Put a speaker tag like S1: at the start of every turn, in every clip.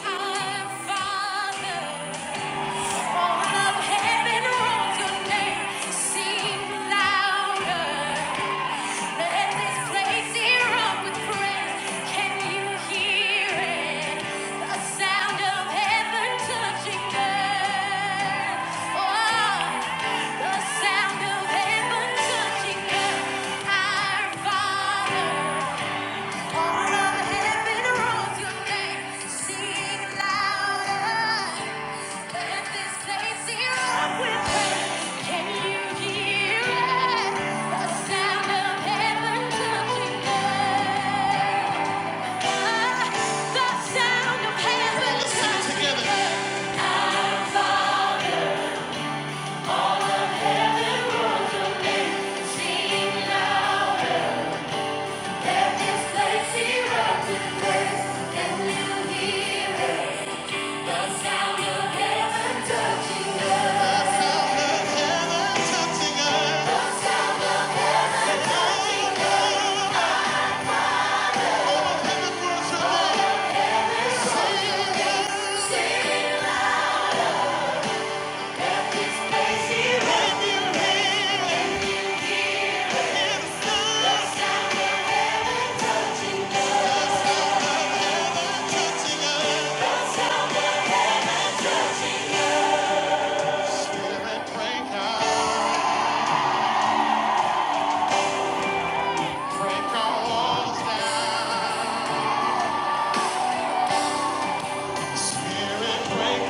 S1: Sound of heaven touching earth, our Father. Sound of heaven touching us. Spirit, break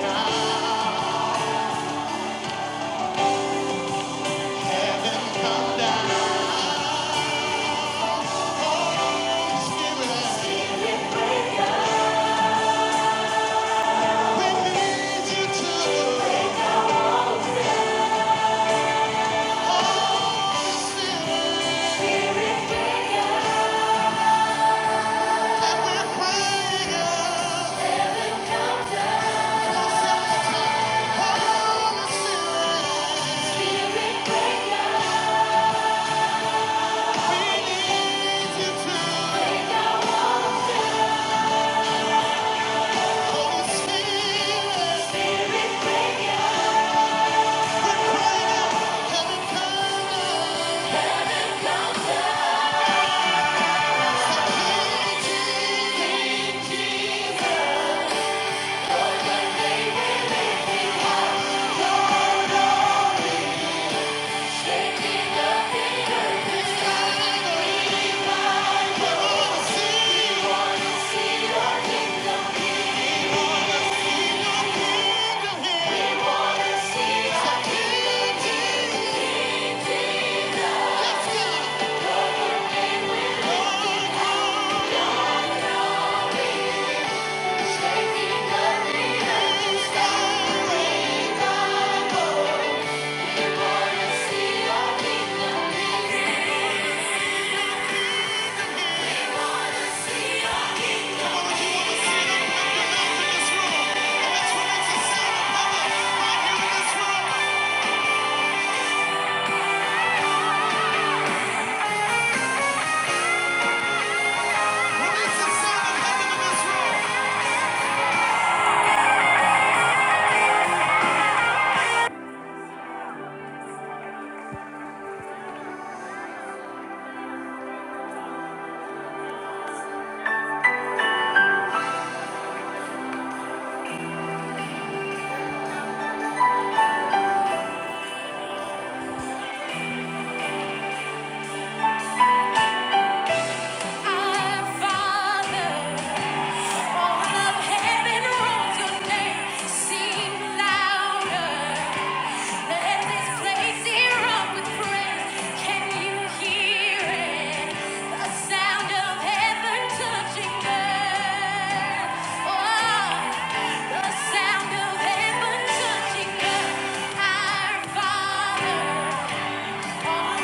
S1: up. Yeah. Father, all of heaven rolls your name, sing louder. Let this place erupt with praise. Can you hear it? The sound of heaven touching earth. Oh, the sound of heaven touching earth. Our Father. Can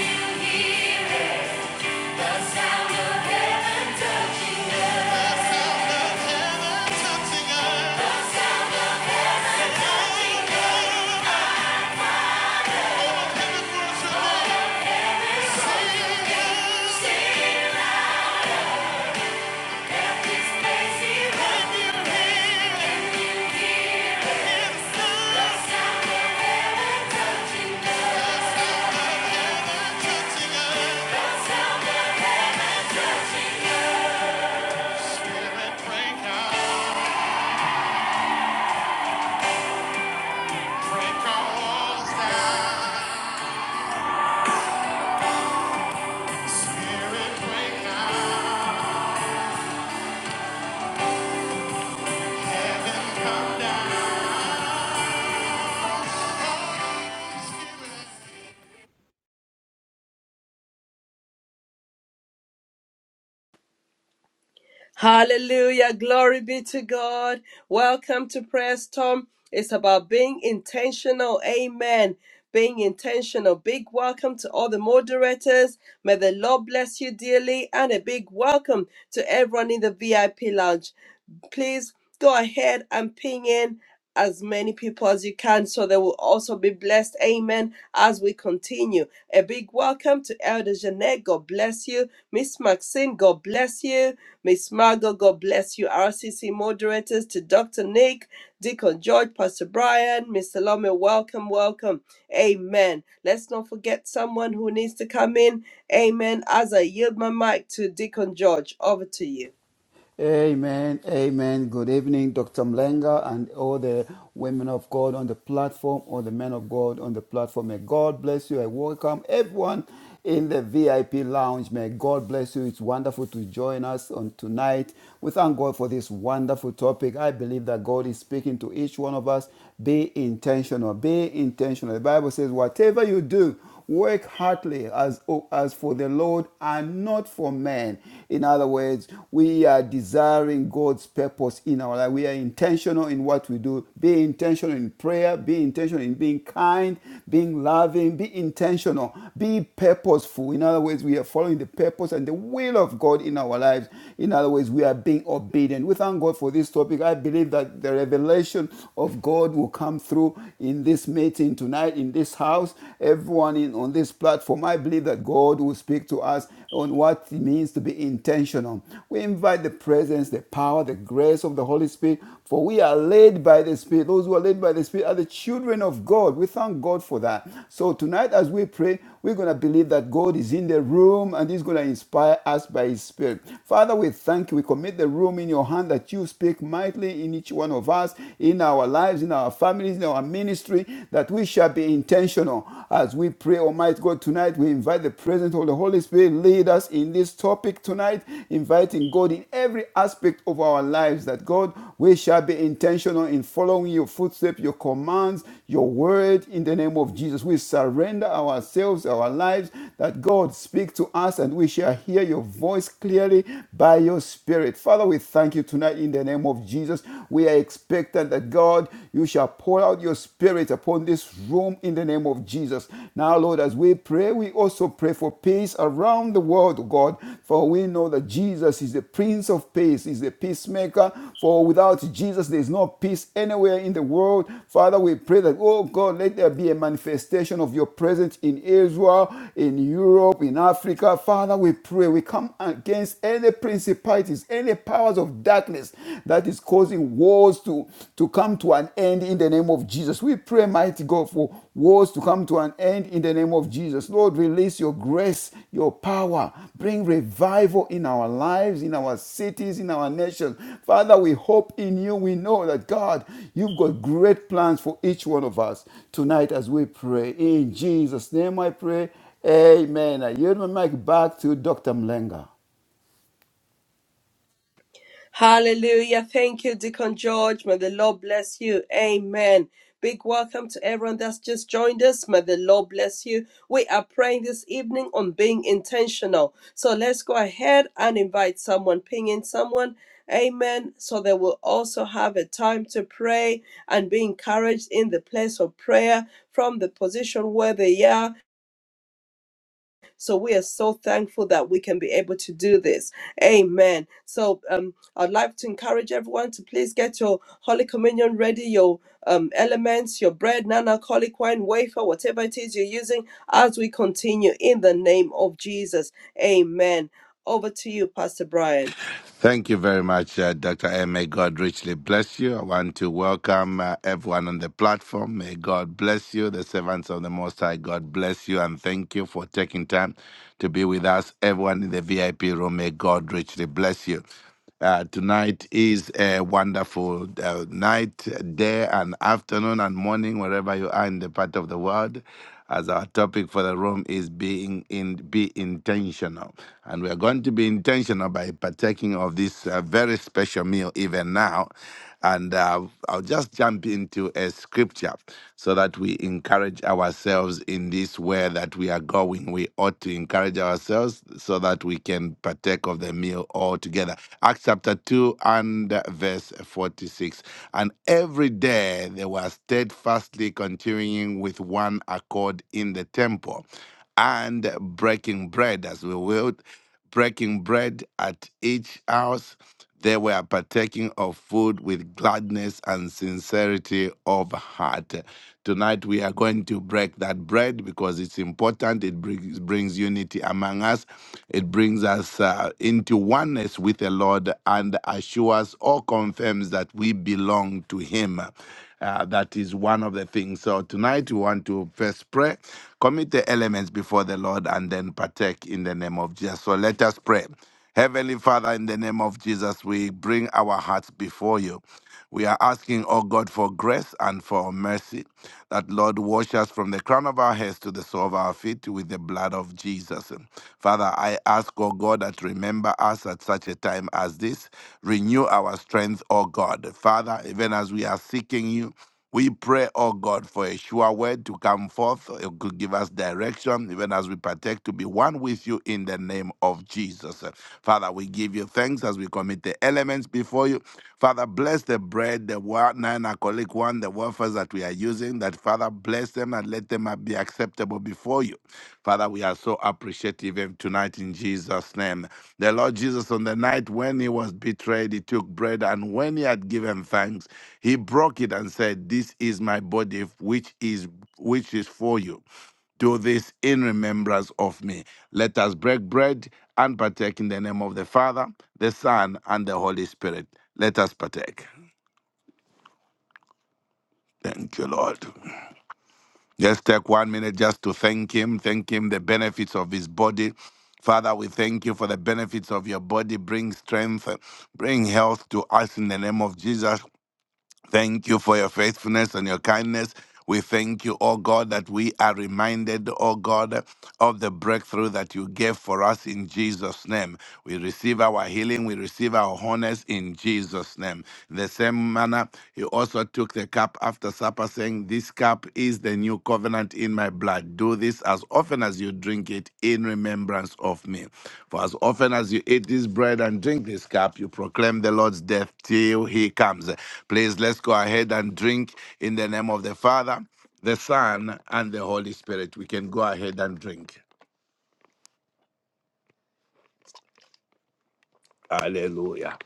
S1: you hear it? heaven break out, our down. come
S2: Hallelujah. Glory be to God. Welcome to Prayer Storm. It's about being intentional. Amen. Being intentional. Big welcome to all the moderators. May the Lord bless you dearly. And a big welcome to everyone in the VIP lounge. Please go ahead and ping in as many people as you can so they will also be blessed. Amen. As we continue. A big welcome to Elder Jeanette. God bless you. Miss Maxine, God bless you. Miss Margot, God bless you. RCC moderators to Dr. Nick, Deacon George, Pastor Brian, Mr. Lomé, welcome, welcome. Amen. Let's not forget someone who needs to come in. Amen. As I yield my mic to Deacon George, over to you.
S3: Amen, amen. Good evening, Dr. Mlenga, and all the women of God on the platform, all the men of God on the platform. May God bless you. I welcome everyone in the VIP lounge. May God bless you. It's wonderful to join us on tonight. We thank God for this wonderful topic. I believe that God is speaking to each one of us. Be intentional. Be intentional. The Bible says, whatever you do, Work heartily as, oh, as for the Lord and not for men. In other words, we are desiring God's purpose in our life. We are intentional in what we do. Be intentional in prayer. Be intentional in being kind, being loving. Be intentional. Be purposeful. In other words, we are following the purpose and the will of God in our lives. In other words, we are being obedient. We thank God for this topic. I believe that the revelation of God will come through in this meeting listening tonight in this house, everyone in, on this platform, I believe that God will speak to us on what it means to be intentional. We invite the presence, the power, the grace of the Holy Spirit, for we are led by the Spirit. Those who are led by the Spirit are the children of God. We thank God for that. So tonight, as we pray, we're going to believe that God is in the room and He's going to inspire us by His Spirit. Father, we thank you. We commit the room in your hand that you speak mightily in each one of us, in our lives, lives, in our families, in our ministry, that we shall be intentional. As we pray, Almighty God, tonight, we invite the presence of the Holy Spirit, lead us in this topic tonight, inviting God in every aspect of our lives, that God, we shall be intentional in following your footsteps, your commands, your word, in the name of Jesus. We surrender ourselves, our lives, that God speak to us and we shall hear your voice clearly by your spirit. Father, we thank you tonight in the name of Jesus. Jesus. We are expectant that God, you shall pour out your spirit upon this room in the name of Jesus. Now, Lord, as we pray, we also pray for peace around the world, God, for we know that Jesus is the Prince of Peace, is the peacemaker. For without Jesus, there is no peace anywhere in the world. Father, we pray that, oh God, let there be a manifestation of your presence in Israel, in Europe, in Africa. Father, we pray we come against any principalities, any powers of darkness that is causing wars to, to come to an end in the name of Jesus. We pray, mighty God, for wars to come to an end in the name of Jesus. Lord, release your grace, your power. Bring revival in our lives, in our cities, in our nations. Father, we hope in you. We know that, God, you've got great plans for each one of us tonight as we pray. In Jesus' name I pray. Amen. I yield my mic back to Dr. Mlenga.
S2: Hallelujah. Thank you, Deacon George. May the Lord bless you. Amen. Big welcome to everyone that's just joined us. May the Lord bless you. We are praying this evening on being intentional. So let's go ahead and invite someone, ping in someone. Amen. So they will also have a time to pray and be encouraged in the place of prayer from the position where they are. So we are so thankful that we can be able to do this. Amen. So um, I'd like to encourage everyone to please get your Holy Communion ready, your um, elements, your bread, non alcoholic wine, wafer, whatever it is you're using, as we continue in the name of Jesus. Amen. Over to you, Pastor Brian.
S4: Thank you very much, uh, Dr. M. May God richly bless you. I want to welcome uh, everyone on the platform. May God bless you, the servants of the Most High. God bless you and thank you for taking time to be with us. Everyone in the VIP room, may God richly bless you. Uh, tonight is a wonderful uh, night, day, and afternoon and morning, wherever you are in the part of the world. As our topic for the room is being in be intentional, and we are going to be intentional by partaking of this uh, very special meal even now. And uh, I'll just jump into a scripture so that we encourage ourselves in this way that we are going. We ought to encourage ourselves so that we can partake of the meal all together. Acts chapter 2 and uh, verse 46. And every day they were steadfastly continuing with one accord in the temple and breaking bread as we will breaking bread at each house they were partaking of food with gladness and sincerity of heart. Tonight we are going to break that bread because it's important. It brings, brings unity among us. It brings us uh, into oneness with the Lord and assures or confirms that we belong to Him. Uh, that is one of the things. So tonight we want to first pray, commit the elements before the Lord, and then partake in the name of Jesus. So let us pray. Heavenly Father, in the name of Jesus, we bring our hearts before you. We are asking, oh God, for grace and for mercy that, Lord, wash us from the crown of our heads to the sole of our feet with the blood of Jesus. Father, I ask, oh God, that remember us at such a time as this. Renew our strength, oh God. Father, even as we are seeking you, we pray, oh God, for a sure word to come forth. You could give us direction, even as we partake to be one with you in the name of Jesus. Father, we give you thanks as we commit the elements before you. Father, bless the bread, the wine, non alcoholic one, the wafers that we are using. That Father, uh, bless them and let them uh, be acceptable before you. Father, we are so appreciative even tonight in Jesus' name. The Lord Jesus, on the night when he was betrayed, he took bread and when he had given thanks, he broke it and said, This is my body which is which is for you. Do this in remembrance of me. Let us break bread and partake in the name of the Father, the Son, and the Holy Spirit. Let us partake. Thank you, Lord. Let's take one minute just to thank Him, thank Him the benefits of His body. Father, we thank you for the benefits of your body. Bring strength, uh, bring health to us in the name of Jesus. Thank you for your faithfulness and your kindness. We thank you, oh God, that we are reminded, oh God, of the breakthrough that you gave for us in Jesus' name. We receive our healing, we receive our wholeness in Jesus' name. In the same manner, he also took the cup after supper, saying, This cup is the the new covenant in my blood. Do this as often as you drink it in remembrance of me. For as often as you eat this bread and drink this cup, you proclaim the Lord's death till he comes. Please let's go ahead and drink in the name of the Father, the Son, and the Holy Spirit. We can go ahead and drink. Hallelujah.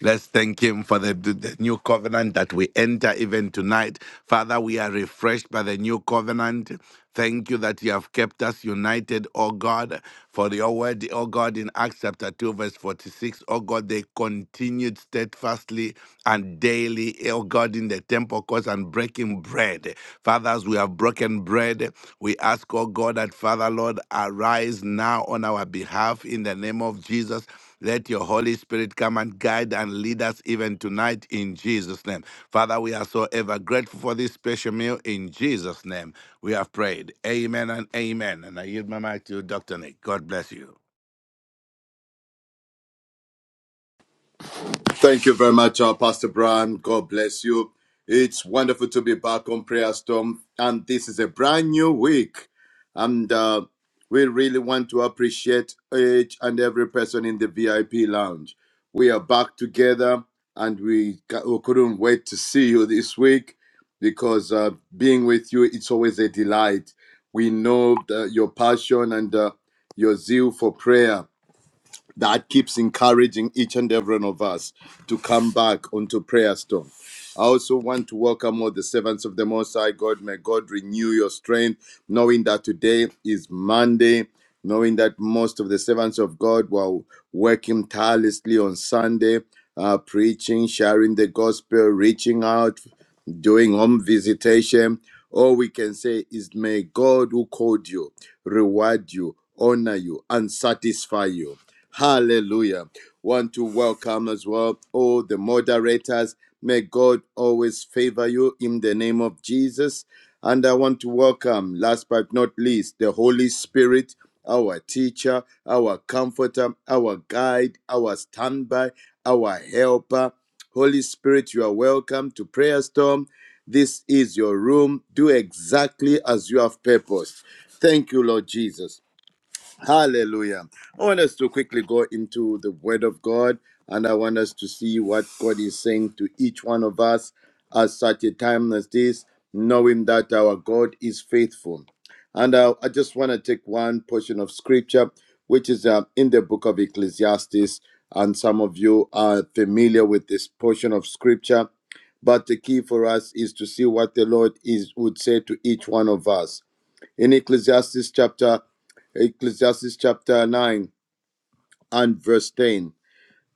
S4: Let's thank Him for the, the- the new covenant that we enter even tonight. Father, we are refreshed by the new covenant. Thank you that you have kept us united, O God, for your word, O God, in Acts chapter 2, verse 46. O God, they continued steadfastly and daily, O God, in the temple courts and breaking bread. Fathers, we have broken bread. We ask, O God, that Father, Lord, arise now on our behalf in the name of Jesus. Let your Holy Spirit come and guide and lead us even tonight in Jesus' name. Father, we are so ever grateful for this special meal in Jesus' name. We have prayed. Amen and amen. And I yield my mic to Dr. Nick. God bless you.
S5: Thank you very much, uh, Pastor Brian. God bless you. It's wonderful to be back on Prayer Storm, and this is a brand new week. And uh, we really want to appreciate each and every person in the VIP lounge. We are back together, and we, ca- we couldn't wait to see you this week because uh, being with you, it's always a delight. We know the, your passion and uh, your zeal for prayer that keeps encouraging each and every one of us to come back onto prayer storm. I also want to welcome all the servants of the Most High God. May God renew your strength, knowing that today is Monday, knowing that most of the servants of God were working tirelessly on Sunday, uh, preaching, sharing the gospel, reaching out, doing home visitation. All we can say is, may God who called you reward you, honor you, and satisfy you. Hallelujah. Want to welcome as well all the moderators. May God always favor you in the name of Jesus. And I want to welcome, last but not least, the Holy Spirit, our teacher, our comforter, our guide, our standby, our helper. Holy Spirit, you are welcome to Prayer Storm. This is your room. Do exactly as you have purposed. Thank you, Lord Jesus. Hallelujah. I want us to quickly go into the Word of God and I want us to see what God is saying to each one of us at such a time as this, knowing that our God is faithful. And I, I just want to take one portion of scripture, which is uh, in the book of Ecclesiastes. And some of you are familiar with this portion of scripture. But the key for us is to see what the Lord is would say to each one of us in Ecclesiastes chapter Ecclesiastes chapter 9 and verse 10.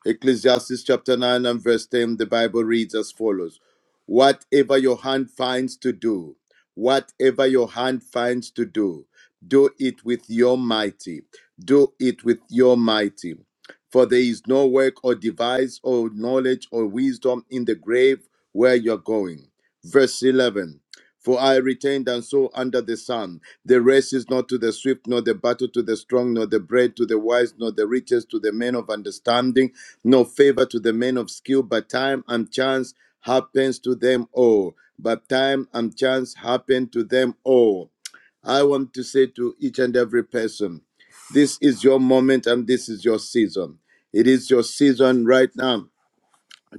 S5: Ecclesiastes chapter 9 and verse 10, the Bible reads as follows Whatever your hand finds to do, whatever your hand finds to do, do it with your mighty, do it with your mighty. For there is no work or device or knowledge or wisdom in the grave where you're going. Verse 11 for I returned and saw under the sun. The race is not to the swift, nor the battle to the strong, nor the bread to the wise, nor the riches to the men of understanding, nor favor to the men of skill, but time and chance happens to them all. But time and chance happen to them all. I want to say to each and every person, this is your moment and this is your season. It is your season right now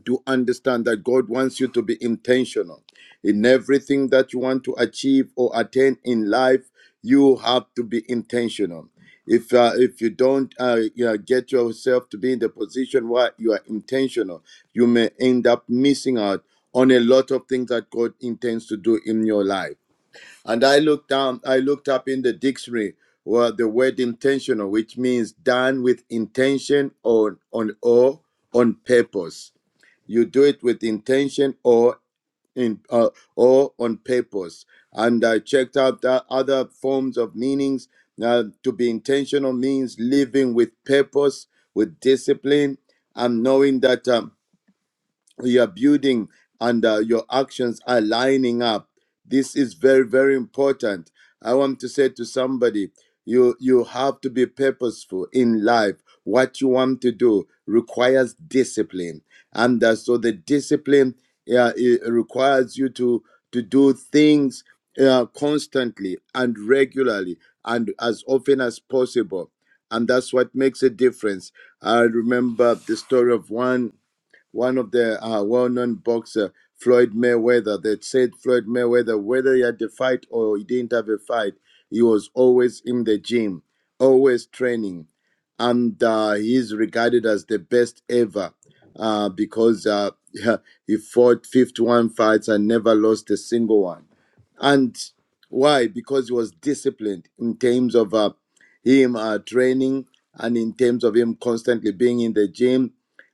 S5: do understand that God wants you to be intentional in everything that you want to achieve or attain in life. You have to be intentional. If uh, if you don't uh, you know, get yourself to be in the position where you are intentional, you may end up missing out on a lot of things that God intends to do in your life. And I looked down, I looked up in the dictionary where the word intentional, which means done with intention on on or on purpose you do it with intention or in uh, or on purpose. And I checked out the other forms of meanings. Now, to be intentional means living with purpose, with discipline, and knowing that. Um, you are building and uh, your actions are lining up this is very very important i want to say to somebody you you have to be purposeful in life what you want to do requires discipline and uh, so the discipline uh, it requires you to to do things uh, constantly and regularly and as often as possible and that's what makes a difference i remember the story of one one of the uh, well-known boxer Floyd Mayweather. that said Floyd Mayweather, whether he had a fight or he didn't have a fight, he was always in the gym, always training, and uh, he's regarded as the best ever uh, because uh, he fought 51 fights and never lost a single one. And why? Because he was disciplined in terms of uh, him uh, training and in terms of him constantly being in the gym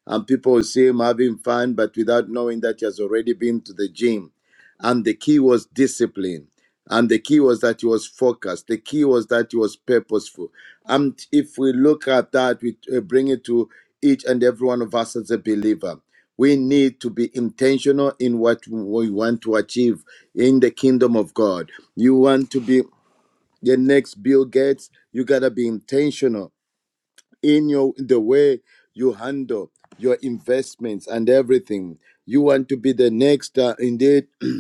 S5: and people will see him having fun, but without knowing that he has already been to the gym. And the key was discipline. And the key was that he was focused. The key was that he was purposeful. And if we look at that, we uh, bring it to each and every one of us as a believer. We need to be intentional in what we want to achieve in the kingdom of God. You want to be the next Bill Gates, you got to be intentional in your the way you handle your investments and everything. You want to be the next, uh, indeed.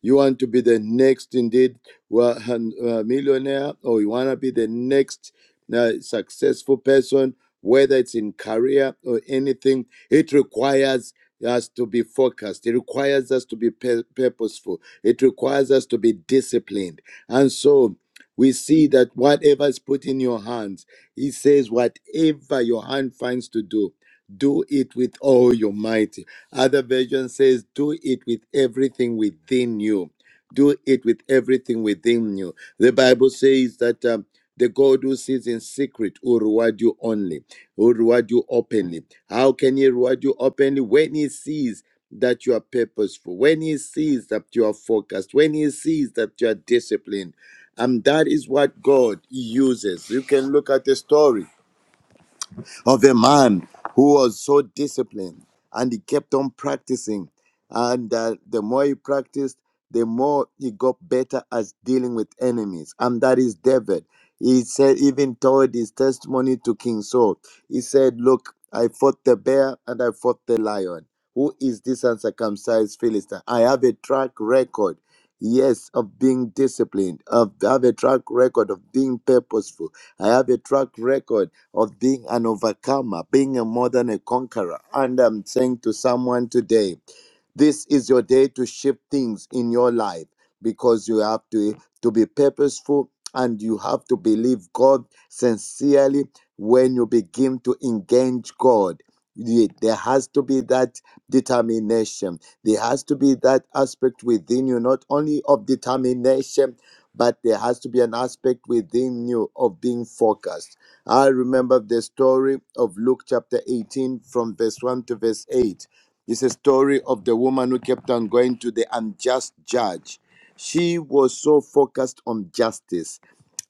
S5: You want to be the next, indeed, well, uh, millionaire, or you want to be the next uh, successful person, whether it's in career or anything. It requires us to be focused. It requires us to be pur- purposeful. It requires us to be disciplined. And so we see that whatever is put in your hands, he says, whatever your hand finds to do, do it with all your might. Other version says, Do it with everything within you. Do it with everything within you. The Bible says that um, the God who sits in secret will reward you only, will reward you openly. How can He reward you openly? When He sees that you are purposeful, when He sees that you are focused, when He sees that you are disciplined. And that is what God uses. You can look at the story of a man who was so disciplined and he kept on practicing. And uh, the more he practiced, the more he got better at dealing with enemies. And that is David. He said, even told his testimony to King Saul. He said, Look, I fought the bear and I fought the lion. Who is this uncircumcised Philistine? I have a track record, yes, of being disciplined, of I have a track record of being purposeful. I have a track record of being an overcomer, being a more than a conqueror. And I'm saying to someone today, this is your day to shift things in your life because you have to, to be purposeful and you have to believe God sincerely when you begin to engage God. Ye- There has to be that determination. There has to be that aspect within you, not only of determination, but there has to be an aspect within you of being focused. I remember the story of Luke chapter 18 from verse 1 to verse 8 it's a story of the woman who kept on going to the unjust judge. She was so focused on justice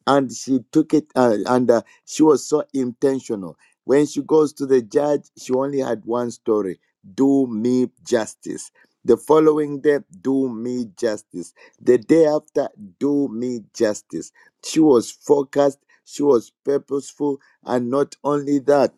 S5: and she took it uh, and uh, she was so intentional. When she goes to the judge, she only had one story do me justice. The following day, do me justice. The day after, do me justice. She was focused, she was purposeful, and not only that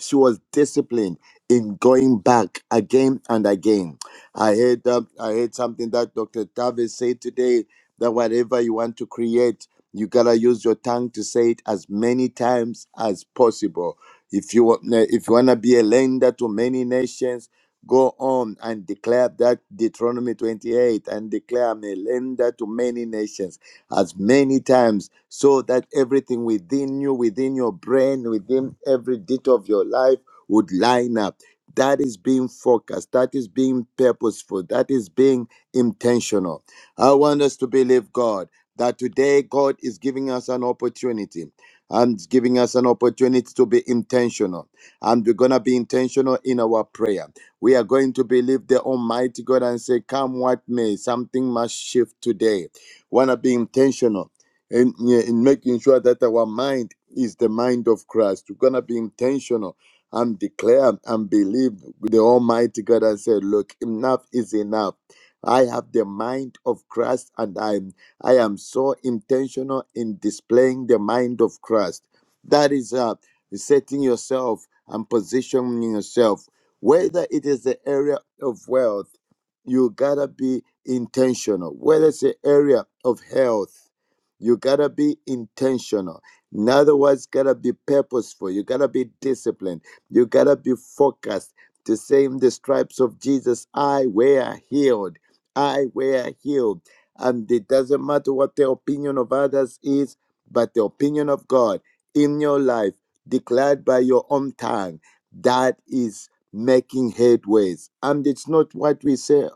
S5: she was disciplined in going back again and again. I heard um, I heard something that Dr. Davis said today that whatever you want to create, you gotta use your tongue to say it as many times as possible. If you want, if you wanna be a lender to many nations, go on and declare that Deuteronomy 28 and declare I'm a lender to many nations as many times so that everything within you, within your brain, within every detail of your life would line up. That is being focused. That is being purposeful. That is being intentional. I want us to believe God that today God is giving us an opportunity and giving us an opportunity to be intentional. And we're going to be intentional in our prayer. We are going to believe the Almighty God and say, Come what may, something must shift today want to be intentional in, yeah, in making sure that our mind is the mind of Christ. We're going to be intentional and declare and believe with the Almighty God and say, look, enough is enough. I have the mind of Christ and I'm I am so intentional in displaying the mind of Christ. That is uh, setting yourself and positioning yourself, whether it is the area of wealth you gotta be intentional. Whether it's an area of health, you gotta be intentional. In other words, gotta be purposeful. You gotta be disciplined. You gotta be focused. The same, the stripes of Jesus, I were healed. I were healed. And it doesn't matter what the opinion of others is, but the opinion of God in your life, declared by your own tongue, that is making headways. And it's not what we say,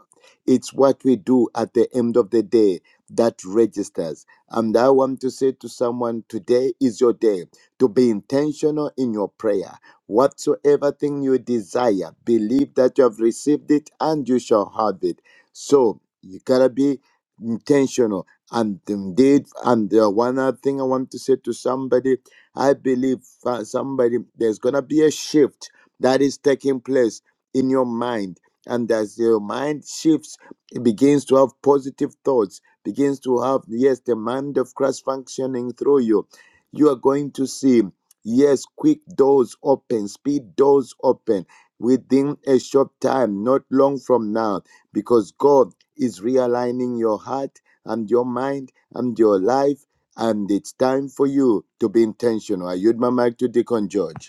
S5: it's what we do at the end of the day that registers. And I want to say to someone today is your day to be intentional in your prayer. Whatsoever thing you desire, believe that you have received it and you shall have it. So you gotta be intentional. And indeed, and uh, one other thing I want to say to somebody I believe uh, somebody there's gonna be a shift that is taking place in your mind. And as your mind shifts, it begins to have positive thoughts, begins to have, yes, the mind of Christ functioning through you. You are going to see, yes, quick doors open, speed doors open within a short time, not long from now, because God is realigning your heart and your mind and your life. And it's time for you to be intentional. I yield my mic to Deacon George.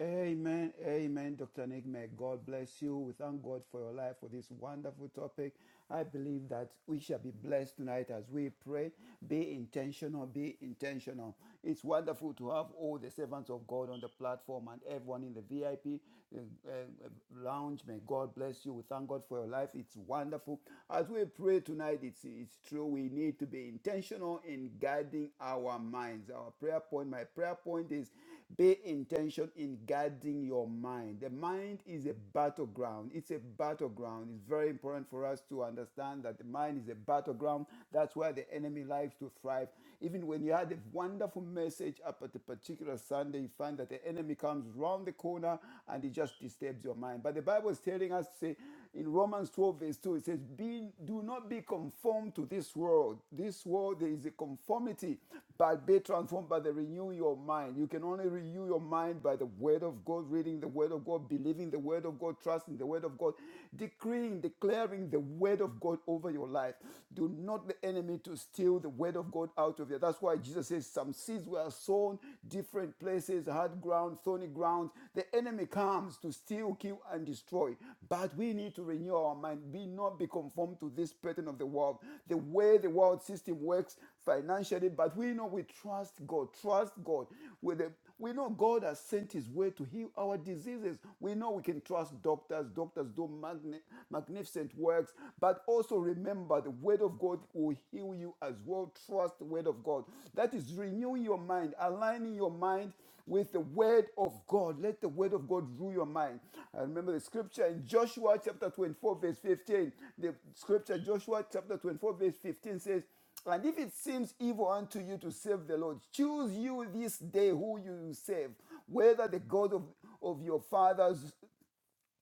S3: Amen, amen, Dr. Nick. May God bless you. We thank God for your life for this wonderful topic. I believe that we shall be blessed tonight as we pray. Be intentional, be intentional. It's wonderful to have all the servants of God on the platform and everyone in the VIP uh, uh, lounge. May God bless you. We thank God for your life. It's wonderful. As we pray tonight, it's, it's true. We need to be intentional in guiding our minds. Our prayer point, my prayer point is be intention in guarding your mind. The mind is a battleground. It's a battleground. It's very important for us to understand that the mind is a battleground. That's where the enemy likes to thrive. Even when you had a wonderful message up at a particular Sunday, you find that the enemy comes round the corner and he just disturbs your mind. But the Bible is telling us to say, in Romans 12, verse 2, it says, be, Do not be conformed to this world. This world, there is a conformity, but be transformed by the renewing your mind. You can only renew your mind by the word of God, reading the word of God, believing the word of God, trusting the word of God, decreeing, declaring the word of God over your life. Do not the enemy to steal the word of God out of you. That's why Jesus says, Some seeds were sown differently places, hard ground, thorny ground. The enemy comes to steal, kill, and destroy. But we need to renew our mind. Be not be conformed to this pattern of the world, the way the world system works financially. But we know we trust God. Trust God with the we know God has sent His way to heal our diseases. We know we can trust doctors. Doctors do magni magnificent works. But also remember the Word of God will heal you as well. Trust the Word of God. That is renewing your mind, aligning your mind with the Word of God. Let the Word of God rule your mind. I remember the scripture in Joshua chapter 24, verse 15. The scripture, Joshua chapter 24, verse 15 says, and if it seems evil unto you to serve the Lord, choose you this day who you will serve, whether the God of, of your fathers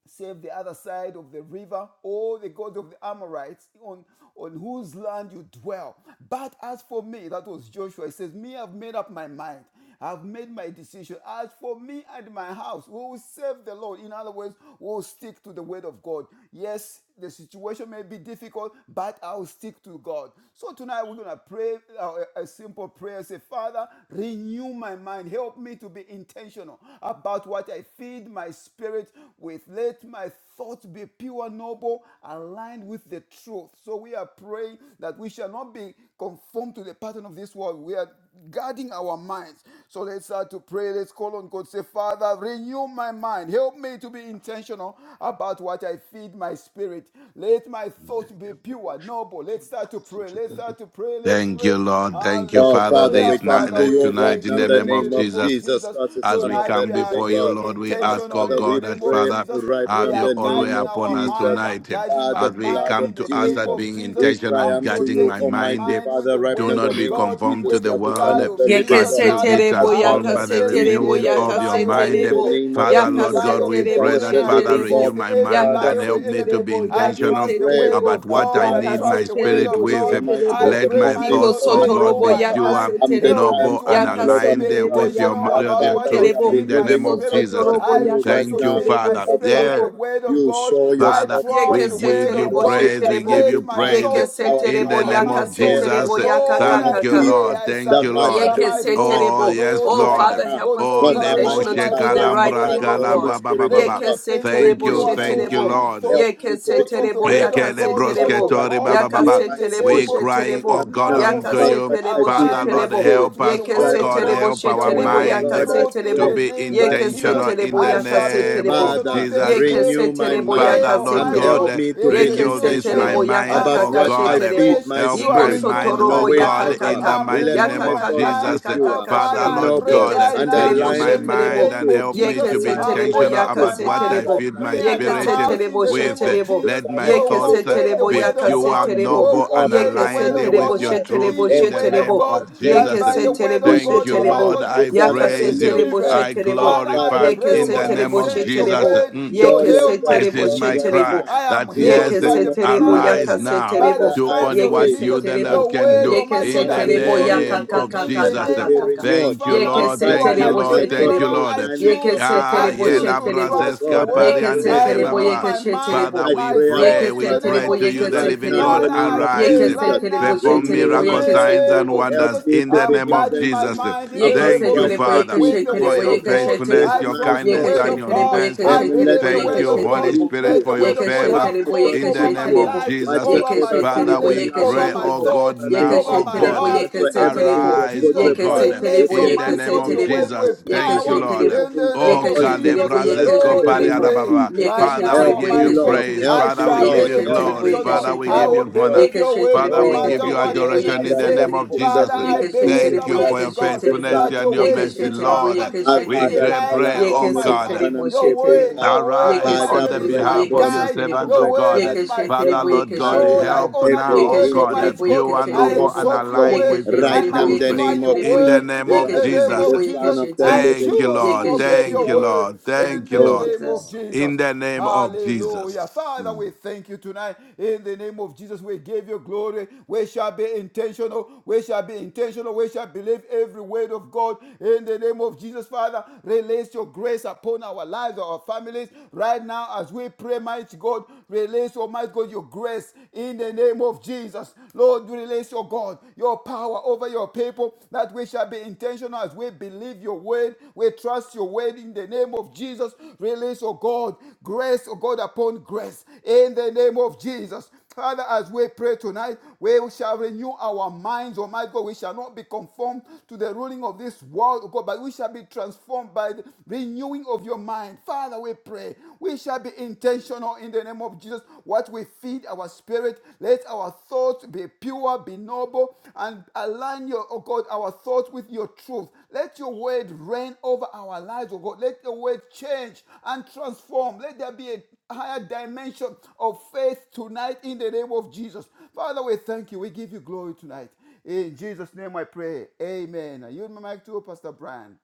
S3: serve the other side of the river, or the God of the Amorites on, on whose land you dwell. But as for me, that was Joshua, he says, Me, I've made up my mind. I've made my decision. As for me and my house, we will serve the Lord. In other words, we'll stick to the word of God. Yes, Yes, the situation may be difficult, but I'll stick to God. So tonight we're going to pray uh, a a simple prayer. Say, Father, renew my mind. Help me to be intentional about what I feed my spirit with. Let my thoughts be pure, noble, aligned with the truth. So we are praying that we shall not be conformed to the pattern of this world. We are guarding our minds. So let's start to pray. Let's call on God. Say, Father, renew my mind. Help me to be intentional about what I feed my spirit. Let my thoughts be pure, noble. Let's start to pray. Let's start to pray. Let's
S4: Thank
S3: pray.
S4: you, Lord. Thank you,
S5: Oh,
S4: Father,
S5: Father,
S3: Hallelujah.
S5: we
S4: this
S5: come
S4: night,
S5: to
S3: Father,
S4: that
S3: we
S5: you right
S4: tonight,
S3: thank
S4: in
S5: now in
S4: the
S5: the
S3: you
S4: name
S3: in
S4: of
S3: the
S5: name
S3: name
S5: of
S3: of
S4: Jesus.
S5: Jesus
S3: Jesus.
S5: Christ, the
S4: As
S5: Son
S4: we
S5: of
S3: Tonight
S5: the
S4: come
S3: we are
S5: living
S4: before you,
S3: being
S5: God.
S4: Lord, we
S5: Our
S4: ask,
S3: intentional
S4: oh
S5: Father,
S3: in the
S5: we
S4: God, that
S3: name of
S5: pray
S4: Father,
S3: Jesus.
S5: right now
S3: We
S4: have
S5: in
S4: your
S3: are
S5: the
S4: own way
S5: name
S3: guiding
S5: of
S4: upon
S3: our
S4: us
S3: mind.
S5: Jesus,
S3: I'm
S4: tonight.
S3: guiding
S5: by
S3: my
S4: As
S5: the
S4: we
S5: blood
S3: mind
S5: of
S4: come
S3: in
S4: to
S3: the
S4: us
S3: name
S4: that
S5: Jesus.
S3: of
S4: being
S3: Jesus.
S5: We
S4: intentional
S5: cry
S3: I'm
S4: and
S5: unto
S4: guarding
S5: you,
S4: my
S3: protecting my
S4: mind,
S5: Almighty
S3: mind with
S5: Father,
S3: the
S5: right
S4: do
S5: now
S3: word
S5: in the
S4: not
S3: Spirit of
S4: be
S5: name of
S3: God,
S4: conformed
S5: Jesus
S4: to
S3: with
S4: the
S3: the
S5: Christ, the
S4: world,
S5: Son
S3: blood
S5: of
S3: of
S5: the living
S3: Jesus,
S5: God.
S4: but be
S3: Father.
S5: Our
S2: Yekeseterebo,
S3: I'm
S4: transformed
S5: Father,
S4: by the
S5: we
S3: resisting
S2: yakaseterebo,
S4: renewing
S3: every
S5: declare
S4: of your
S3: lie of
S5: that
S3: the
S4: mind.
S5: in the
S3: enemy,
S2: yakaseterebo,
S5: name of
S4: Father,
S3: every
S4: Lord
S5: Jesus
S3: lie
S4: God,
S5: Christ,
S3: of
S4: we
S3: the
S5: the Son
S4: pray
S2: yakaseterebo,
S5: of
S3: enemy.
S5: the
S4: that,
S3: I
S4: Father,
S5: living
S4: renew
S5: God,
S2: sheterebo,
S3: resist
S4: my
S3: every
S4: mind
S5: Father,
S3: lie
S4: and
S3: of
S4: help
S3: the
S4: me to
S3: enemy.
S4: be
S2: yakaseterebo,
S3: I
S5: we
S4: intentional
S3: trust the
S5: pray
S3: word
S2: yakaseterebo,
S4: about
S3: of
S5: that
S4: what I
S3: God. I
S4: need
S5: Father,
S4: my
S3: trust the word
S5: this
S4: spirit
S2: yakaseterebo,
S3: of
S5: is
S3: God.
S4: with.
S5: Almighty
S3: I
S5: God,
S2: sheterebo,
S5: the
S4: Let
S3: pray,
S4: my
S3: might
S5: moment,
S4: thoughts,
S3: God,
S4: oh
S5: Almighty
S4: God,
S3: renew
S2: ikosotorobo,
S4: be
S3: my
S5: Father,
S3: mind.
S4: pure,
S5: and the
S2: yakaseterebo,
S3: Help me
S5: time,
S4: noble,
S3: to,
S5: oh
S4: and
S5: my
S3: un-
S5: Lord
S3: to
S5: and
S4: aligned
S5: my
S3: be
S2: yakaseterebo,
S5: God,
S4: with your,
S3: intentional
S5: that
S4: with
S3: about
S4: your
S3: what
S5: Father,
S3: I
S5: we
S4: truth.
S5: are
S2: yakakasheterebo,
S4: In
S3: feed
S4: the
S3: my
S4: name
S5: believing you
S4: of
S5: and
S3: spirit.
S4: Jesus.
S2: ikosotorobo,
S5: trusting
S3: I
S5: you
S3: choose
S5: right
S4: Thank
S3: to
S4: you,
S5: now.
S3: feed
S2: yakaseterebo,
S3: my
S4: Father.
S5: That
S3: spirit with
S2: sheterebo,
S4: Yes,
S3: the
S5: Father,
S3: word of
S5: you
S3: God.
S5: show
S3: I
S4: Father,
S5: yourself
S3: trust
S4: we
S5: strong
S3: the word
S4: give
S5: on
S4: you
S3: of
S2: yekeseterebo,
S5: our
S3: God.
S4: praise.
S5: behalf
S4: We
S2: sheterebo,
S4: give you
S3: Let
S5: even
S3: my
S5: now.
S4: praise.
S3: thoughts be
S5: Our
S4: In
S2: yekeseterebo,
S4: the
S5: Father,
S3: pure.
S4: name
S5: we
S3: My
S4: of
S5: pray
S3: thoughts.
S5: right
S4: Jesus.
S2: yakaseterebo,
S5: now in the
S3: Lord,
S5: name of
S3: I
S4: Thank you,
S2: yakakakaka.
S3: pray,
S5: Jesus.
S4: Lord.
S3: I
S4: Thank
S5: The
S4: you,
S5: Father,
S3: surrender
S4: Lord.
S3: my
S5: renew my
S3: thoughts.
S4: Oh,
S2: Yekeseterebo.
S5: mind
S4: yes,
S3: Lord
S2: Oh,
S5: right
S4: Lord.
S2: Father,
S3: Almighty
S5: now
S2: help
S3: God,
S2: us to
S4: Oh,
S2: be
S5: not by
S3: operate
S5: might,
S4: lebo
S3: on
S2: intentional
S5: not
S2: to
S3: my
S5: by
S2: do the
S5: power,
S3: thoughts in
S5: but
S2: right
S3: the
S4: shekalambra
S5: by
S2: thing,
S3: name
S5: the
S2: oh
S3: of
S5: Holy
S2: God.
S3: Jesus.
S5: Spirit of
S3: Let
S4: kalababababa.
S3: me
S5: God.
S3: think of
S4: Thank
S2: Yekeseterebo,
S4: you,
S5: Renew
S3: pure
S5: my
S4: thank
S3: thoughts,
S4: you,
S2: sheterebo.
S5: mind.
S3: good
S4: Lord.
S5: Help
S3: thoughts,
S5: me to be
S3: thoughts of the
S2: Yekeseterebo,
S4: We
S3: word
S5: intentional
S3: of God,
S5: about
S3: thoughts
S2: yakaseterebo.
S3: of
S5: what
S4: kelebrosketore
S5: I
S3: hope
S4: baba
S5: feed
S4: baba.
S3: in
S5: my
S3: the
S2: Yakaseterebo,
S4: We
S3: name
S5: spirit
S3: of Jesus.
S4: crying, oh
S2: sheterebo.
S5: right
S4: God,
S5: now,
S3: Noble
S4: unto
S5: about
S3: thoughts,
S4: you.
S5: what I
S2: Yakaseterebo,
S5: feed
S4: Father,
S3: align
S5: my
S3: my
S4: Lord,
S2: sheterebo.
S5: spirit
S3: thoughts
S4: help
S3: with the
S4: us, oh
S3: word
S5: right
S3: of
S4: God,
S5: now.
S3: God,
S2: Yekeseterebo,
S4: help
S3: the
S4: our
S5: Oh
S2: sheterebo,
S3: word
S5: my
S3: of
S4: mind
S5: God, I
S3: truth in
S4: to
S5: pray
S2: yakaseterebo.
S3: the
S4: be
S3: name
S5: right
S3: of
S5: now
S3: Jesus.
S4: intentional in
S2: Yekeseterebo,
S4: the
S3: I shall be
S4: name
S2: yakaseterebo.
S4: of
S3: intentional
S5: Father,
S3: this
S4: Jesus.
S5: renew
S3: week
S5: my
S2: Yekeseterebo,
S3: Today,
S5: mind
S4: Father, Lord
S5: and
S3: Almighty
S4: God,
S3: God,
S5: help
S2: yakaseterebo.
S4: eh,
S5: me to
S3: it's
S5: be
S3: a
S4: renew
S3: new
S4: this my
S5: intentional
S3: day.
S2: Yekeseterebo,
S4: mind,
S3: I'm
S5: about
S4: O
S5: what
S3: starting
S5: I
S4: God. eh,
S2: yakakakasheterebo.
S3: afresh.
S5: feed my
S4: Help
S3: You are
S4: my
S5: spirit.
S4: mind,
S3: renewing
S5: No
S4: O
S3: my
S2: Ikosotorobo,
S5: wait,
S4: God,
S5: oh
S3: mind.
S4: in
S5: God,
S4: the
S2: yakakaka.
S3: I'm
S4: mighty
S5: let
S4: name
S3: renewing
S2: Yaka
S5: my
S4: of
S3: my
S2: kaka
S5: thoughts
S3: mind.
S5: be
S4: Jesus. eh.
S2: kaka
S3: Oh,
S5: pure,
S2: kaka
S3: Father,
S4: Father,
S2: she.
S3: I
S4: Lord
S3: pray
S5: noble,
S4: God,
S2: Yeke
S4: eh,
S3: right
S2: se
S5: and
S3: now
S4: renew
S2: terebo
S5: aligned
S4: my
S2: she
S3: in
S5: with
S3: the
S5: your
S4: mind
S2: terebo.
S3: name
S4: and
S5: truth,
S3: of
S4: help
S5: and
S4: me
S3: Jesus.
S2: Yeke
S4: to be
S2: se
S5: aligned
S3: I've
S5: with
S2: terebo
S3: made
S5: your
S4: intentional
S3: up
S2: yaka
S5: truth.
S3: my
S4: about
S2: se
S4: what I
S3: mind.
S5: Right
S2: terebo.
S4: feed
S5: now, in
S4: my
S3: Me
S5: the
S3: and
S5: name
S2: Yeke
S3: my
S5: of
S4: spirit
S2: se
S4: eh,
S5: Jesus
S3: house, in
S2: terebo
S3: the
S5: Christ,
S2: she
S3: name
S4: with. eh.
S3: of
S2: terebo.
S5: the
S3: Jesus,
S4: Let
S5: Son
S4: my
S5: of the
S3: will
S2: Yeke se
S4: thoughts eh,
S5: living
S3: obey the
S5: God.
S2: terebo
S4: be
S3: word
S2: yaka
S5: Our
S3: of
S2: se
S4: pure,
S3: God.
S5: Father, this
S2: terebo.
S5: is
S4: noble,
S3: Will
S5: our
S4: and
S3: obey the
S2: Yeke
S5: prayer
S2: se
S3: word
S4: aligned
S5: and
S4: eh,
S3: of
S5: our
S3: God.
S2: terebo
S4: with your
S3: Will
S2: she
S5: cry.
S4: truth
S2: terebo
S3: believe the
S4: in
S5: Oh
S2: she
S4: the
S3: word of
S5: Father,
S4: name
S2: terebo.
S5: I
S3: God.
S4: of
S5: pray in
S3: That
S5: the
S2: Yeke
S4: Jesus. eh.
S3: by
S2: se
S3: the
S5: name of
S3: word
S2: terebo
S3: of
S2: she
S5: Jesus
S4: Thank
S3: God,
S4: you,
S5: Christ,
S3: Almighty
S2: terebo.
S4: Lord.
S3: God, you
S5: the
S4: I
S5: Son of
S2: Yaka
S3: created
S5: the
S2: se
S3: the
S4: praise you.
S5: living
S2: terebo
S3: universe.
S2: she
S5: God.
S4: I
S5: That
S2: terebo.
S3: Father, I
S4: glorify
S5: Father,
S3: pray,
S2: Yeke
S3: oh
S4: in
S5: show
S2: se
S4: the
S3: God,
S5: up,
S3: you
S4: name
S2: terebo
S4: of
S2: she
S3: sent
S5: Almighty
S3: your
S4: Jesus.
S5: God.
S2: terebo.
S3: word.
S4: Mm.
S3: You
S5: Show
S2: Yeke se
S3: healed
S5: yourself
S3: my
S4: This
S2: terebo
S4: is
S5: strong
S2: she
S4: my
S5: right
S3: diseases.
S4: cry
S2: terebo.
S5: now.
S3: I am
S4: that
S5: In the
S4: yes,
S3: healed
S2: Yeke
S3: by
S2: se
S5: name
S3: the
S5: of
S2: terebo
S3: blood of
S5: Jesus,
S4: arise
S2: yaka
S3: Jesus,
S2: se
S4: now.
S3: by the
S2: terebo.
S5: Father,
S4: Do
S5: I
S3: stripes
S4: only
S3: of
S2: Yeke
S5: pray.
S4: what
S2: se
S4: you,
S3: Jesus.
S4: the
S5: Right
S2: terebo.
S4: Lord,
S3: Your
S5: now,
S4: can
S3: word,
S5: let
S4: do
S3: oh
S5: my
S2: Yeke
S3: my
S4: in
S2: se
S3: God,
S5: mind
S4: the
S5: be
S3: has
S2: terebo
S3: healed
S2: ya
S5: renewed.
S2: ka
S3: me
S4: name
S5: Let
S2: ka
S4: of
S5: my
S2: ka
S3: in
S2: ka
S3: the
S5: mind
S2: ka
S5: be
S4: Jesus.
S2: ka
S3: name
S5: be
S2: ka
S3: of
S2: ka.
S3: Jesus,
S5: renewed.
S4: Thank you,
S3: Father.
S2: Yeke
S5: And
S4: Lord.
S2: se
S3: You are
S4: Thank
S5: Father,
S4: you,
S3: my
S5: let
S2: terebo
S5: my
S4: Lord.
S2: she
S4: Thank
S5: thoughts
S4: you,
S3: deliverer.
S2: terebo.
S5: be in
S4: Lord.
S3: I
S5: line with
S2: Yeke
S5: your
S3: choose,
S2: se
S4: Ah,
S5: perfect
S3: I
S2: terebo
S5: will.
S3: choose
S2: she
S4: yela
S3: to
S2: terebo.
S5: My
S4: brazes
S3: trust your
S5: God, I
S4: kapari
S3: word.
S2: Yeke
S5: pray.
S2: se
S3: I
S4: andere
S5: Hmm.
S4: ba,
S2: terebo
S4: ba,
S3: renew
S2: yeke
S3: my
S2: she
S3: mind,
S4: Father,
S2: terebo.
S5: I
S4: we
S3: my
S5: pray, Abba
S4: pray.
S2: Yeke
S3: thoughts in
S4: We
S2: se
S3: the
S5: Father,
S3: name
S4: pray
S2: terebo
S4: to
S3: of
S4: you,
S2: yeke
S4: the
S3: Jesus.
S5: right
S2: se
S4: living
S5: now in
S2: terebo.
S4: God,
S5: the
S3: Father,
S5: name
S3: I
S5: of
S3: pray
S4: arise.
S2: Yeke se
S5: Jesus,
S3: right
S2: terebo
S3: now
S2: she
S4: Perform
S3: in
S5: renew
S2: terebo
S3: the
S5: my
S4: miracle
S2: yeke se
S4: signs
S5: mind.
S3: name
S4: and
S2: terebo.
S3: of
S5: Help
S3: Jesus.
S4: wonders
S5: me
S4: in
S5: to
S4: the
S5: be
S3: I'm
S4: name of
S3: guiding my
S4: Jesus.
S5: intentional
S3: mind in the
S5: about
S3: name
S4: Thank
S3: of
S4: you,
S5: what
S3: Jesus
S5: I
S4: Father,
S5: feed
S3: with the
S5: my
S4: for
S3: word
S4: your
S3: of
S5: spirit
S3: God.
S5: with
S4: faithfulness,
S3: I
S4: your
S5: my
S3: trust the
S4: kindness,
S5: thoughts,
S3: word
S4: and
S5: oh
S3: of
S4: your
S5: God.
S3: God. God.
S4: mercy.
S3: I
S5: Um, let
S3: believe the
S5: my
S4: Thank
S3: word
S4: you,
S3: of
S5: thoughts
S4: Holy
S3: God.
S5: be
S4: Spirit,
S3: Let the
S4: for
S5: pure.
S4: your
S3: word of God
S5: Let
S4: favor.
S3: have
S5: my
S3: course
S5: thoughts
S4: In the
S5: be
S3: over my
S4: name
S5: pure.
S4: of
S3: life,
S4: Jesus,
S3: over my
S5: Whatsoever
S4: Father,
S5: things
S3: family,
S5: are
S4: we
S3: over
S5: lovely,
S4: pray,
S3: my
S4: oh God,
S3: thoughts,
S5: whatsoever
S4: now,
S5: things
S3: over
S5: are
S4: oh
S3: my
S5: just,
S4: God,
S3: heart. In the
S5: whatsoever
S3: name
S5: things
S3: of
S5: of
S4: arise,
S5: good
S3: Jesus,
S4: oh
S5: report,
S4: God,
S5: if
S3: release,
S4: in
S5: there
S4: the
S5: be
S3: Almighty
S4: name
S3: God,
S4: of
S5: any
S3: your word
S5: virtue,
S4: Jesus.
S3: with
S5: I
S4: Thank you,
S3: power.
S5: want
S4: Lord.
S5: to
S3: In
S5: think
S3: the name
S5: on
S4: Oh,
S3: of
S5: those things
S3: Jesus,
S5: right now in
S4: Kalebrazesco
S3: Lord,
S5: the
S3: I
S5: name
S4: Pariada
S5: of
S3: pray
S4: Baba.
S5: Jesus.
S3: right
S4: Father,
S3: now,
S4: we
S5: Help
S4: give
S5: me,
S4: you
S3: Almighty God,
S5: Lord.
S4: praise.
S5: Help
S3: I
S4: Father,
S5: me,
S4: we
S3: shall be
S4: give
S5: Lord.
S4: you
S5: Help
S4: glory.
S5: me,
S3: intentional.
S5: Lord.
S4: Father, we
S3: I
S4: give
S5: Help
S3: will
S4: you
S5: me,
S4: honor.
S5: Lord.
S3: believe your word
S4: Father,
S3: no
S4: we
S5: Oh,
S3: matter
S4: give you
S3: what
S5: Abba,
S3: the
S4: adoration
S3: enemy
S4: in
S5: Father,
S4: the
S3: says.
S4: name
S5: thank
S4: of
S5: you in the
S3: Father,
S4: Jesus.
S5: name
S3: I
S5: of
S3: believe,
S4: Thank
S5: Jesus
S2: Yekeshetelebo,
S4: you
S5: Christ,
S4: for
S3: Almighty
S4: your
S3: God
S5: the
S2: yekeshetelebo,
S4: faithfulness
S5: Son
S3: that
S5: of
S4: and
S3: your
S4: your
S5: the
S3: word is
S4: mercy,
S3: a
S5: living God.
S2: yekeshetelebo,
S3: lamp
S4: Lord.
S3: unto
S5: My
S3: my feet,
S4: We
S3: a
S5: Father, I
S2: yekeshetelebo,
S3: light
S5: call
S4: pray,
S5: upon
S3: unto
S4: oh
S5: you,
S3: my
S5: the
S4: God.
S3: path.
S2: yekesetelebo,
S5: covenant
S3: Your
S5: keeping
S3: word,
S2: shetelebo,
S5: God.
S3: your word,
S4: Arise
S3: Almighty
S4: on
S5: Father,
S3: God,
S4: the
S3: is
S5: break
S2: yekesetelebo,
S3: my
S4: behalf of
S5: through
S4: your
S3: guide.
S5: and
S2: yekesetelebo,
S4: servants, O
S3: Your
S5: break
S3: word
S4: God.
S5: past
S3: is my
S4: Father,
S5: every
S3: food.
S4: Lord God,
S3: Lord,
S5: barrier,
S3: I
S2: yekeshetelebo,
S4: help
S3: honor
S4: now,
S3: your
S5: every
S4: O
S3: word,
S4: God,
S5: hindrance,
S3: Almighty
S2: yekeshetelebo,
S3: God.
S4: pure,
S5: every
S3: I
S4: noble,
S2: yekeshetelebo,
S4: and
S3: exalt your
S5: obstacle.
S4: aligned
S3: word.
S4: with your
S3: I
S5: Right now,
S2: yekeshetelebo, yekeshetelebo,
S5: in
S4: truth.
S5: the
S3: magnify
S5: name
S3: your
S5: of
S2: yekeshetelebo,
S4: In the
S3: word
S5: Jesus
S4: name
S3: in
S4: of
S5: Christ,
S3: the name
S4: Jesus.
S5: the
S2: yekeshetelebo,
S3: of
S5: Son
S3: Jesus.
S5: of the
S3: I
S2: yekeshetelebo,
S4: Thank
S5: living
S4: you,
S5: God.
S3: choose to
S4: Lord.
S5: Mm.
S3: obey
S4: Thank
S3: your
S4: you,
S2: yekeshetelebo.
S3: word
S4: Lord.
S2: Thank
S3: in
S4: Thank you,
S2: you,
S3: the
S5: Oh,
S4: Lord.
S3: name of
S5: God.
S2: Jesus.
S4: In
S3: Jesus.
S4: the name of
S3: Hallelujah.
S4: Jesus.
S3: Father,
S5: Mm.
S3: we thank you tonight. In the name of Jesus, we give you glory. We shall be intentional. We shall be intentional. We shall believe every word of God. In the name of Jesus, Father, release your grace upon our lives, our families. Right now, as we pray, mighty God, release, Almighty God, your grace in the name of Jesus. Lord, release your God, your power over your people that that we shall be intentional as we believe your word, we trust your word in the name of Jesus. Release, oh God, grace, oh God, upon grace in the name of Jesus. Father, as we pray tonight, we shall renew our minds, oh my God. We shall not be conformed to the ruling of this world, oh God, but we shall be transformed by the renewing of your mind. Father, we pray. We shall be intentional in the name of Jesus what we feed our spirit. Let our thoughts be pure, be noble, and align your, oh God, our thoughts with your truth. Let your word reign over our lives, oh God. Let your word change and transform. Let there be a higher dimension of faith tonight in the name of Jesus. Father, we thank you. We give you glory tonight. In Jesus' name I pray. Amen. Are you in my mic too, Pastor Brian?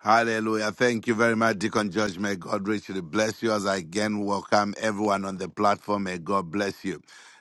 S4: Hallelujah. Thank you very much, Deacon George. May God richly bless you as I again welcome everyone on the platform. May God bless you.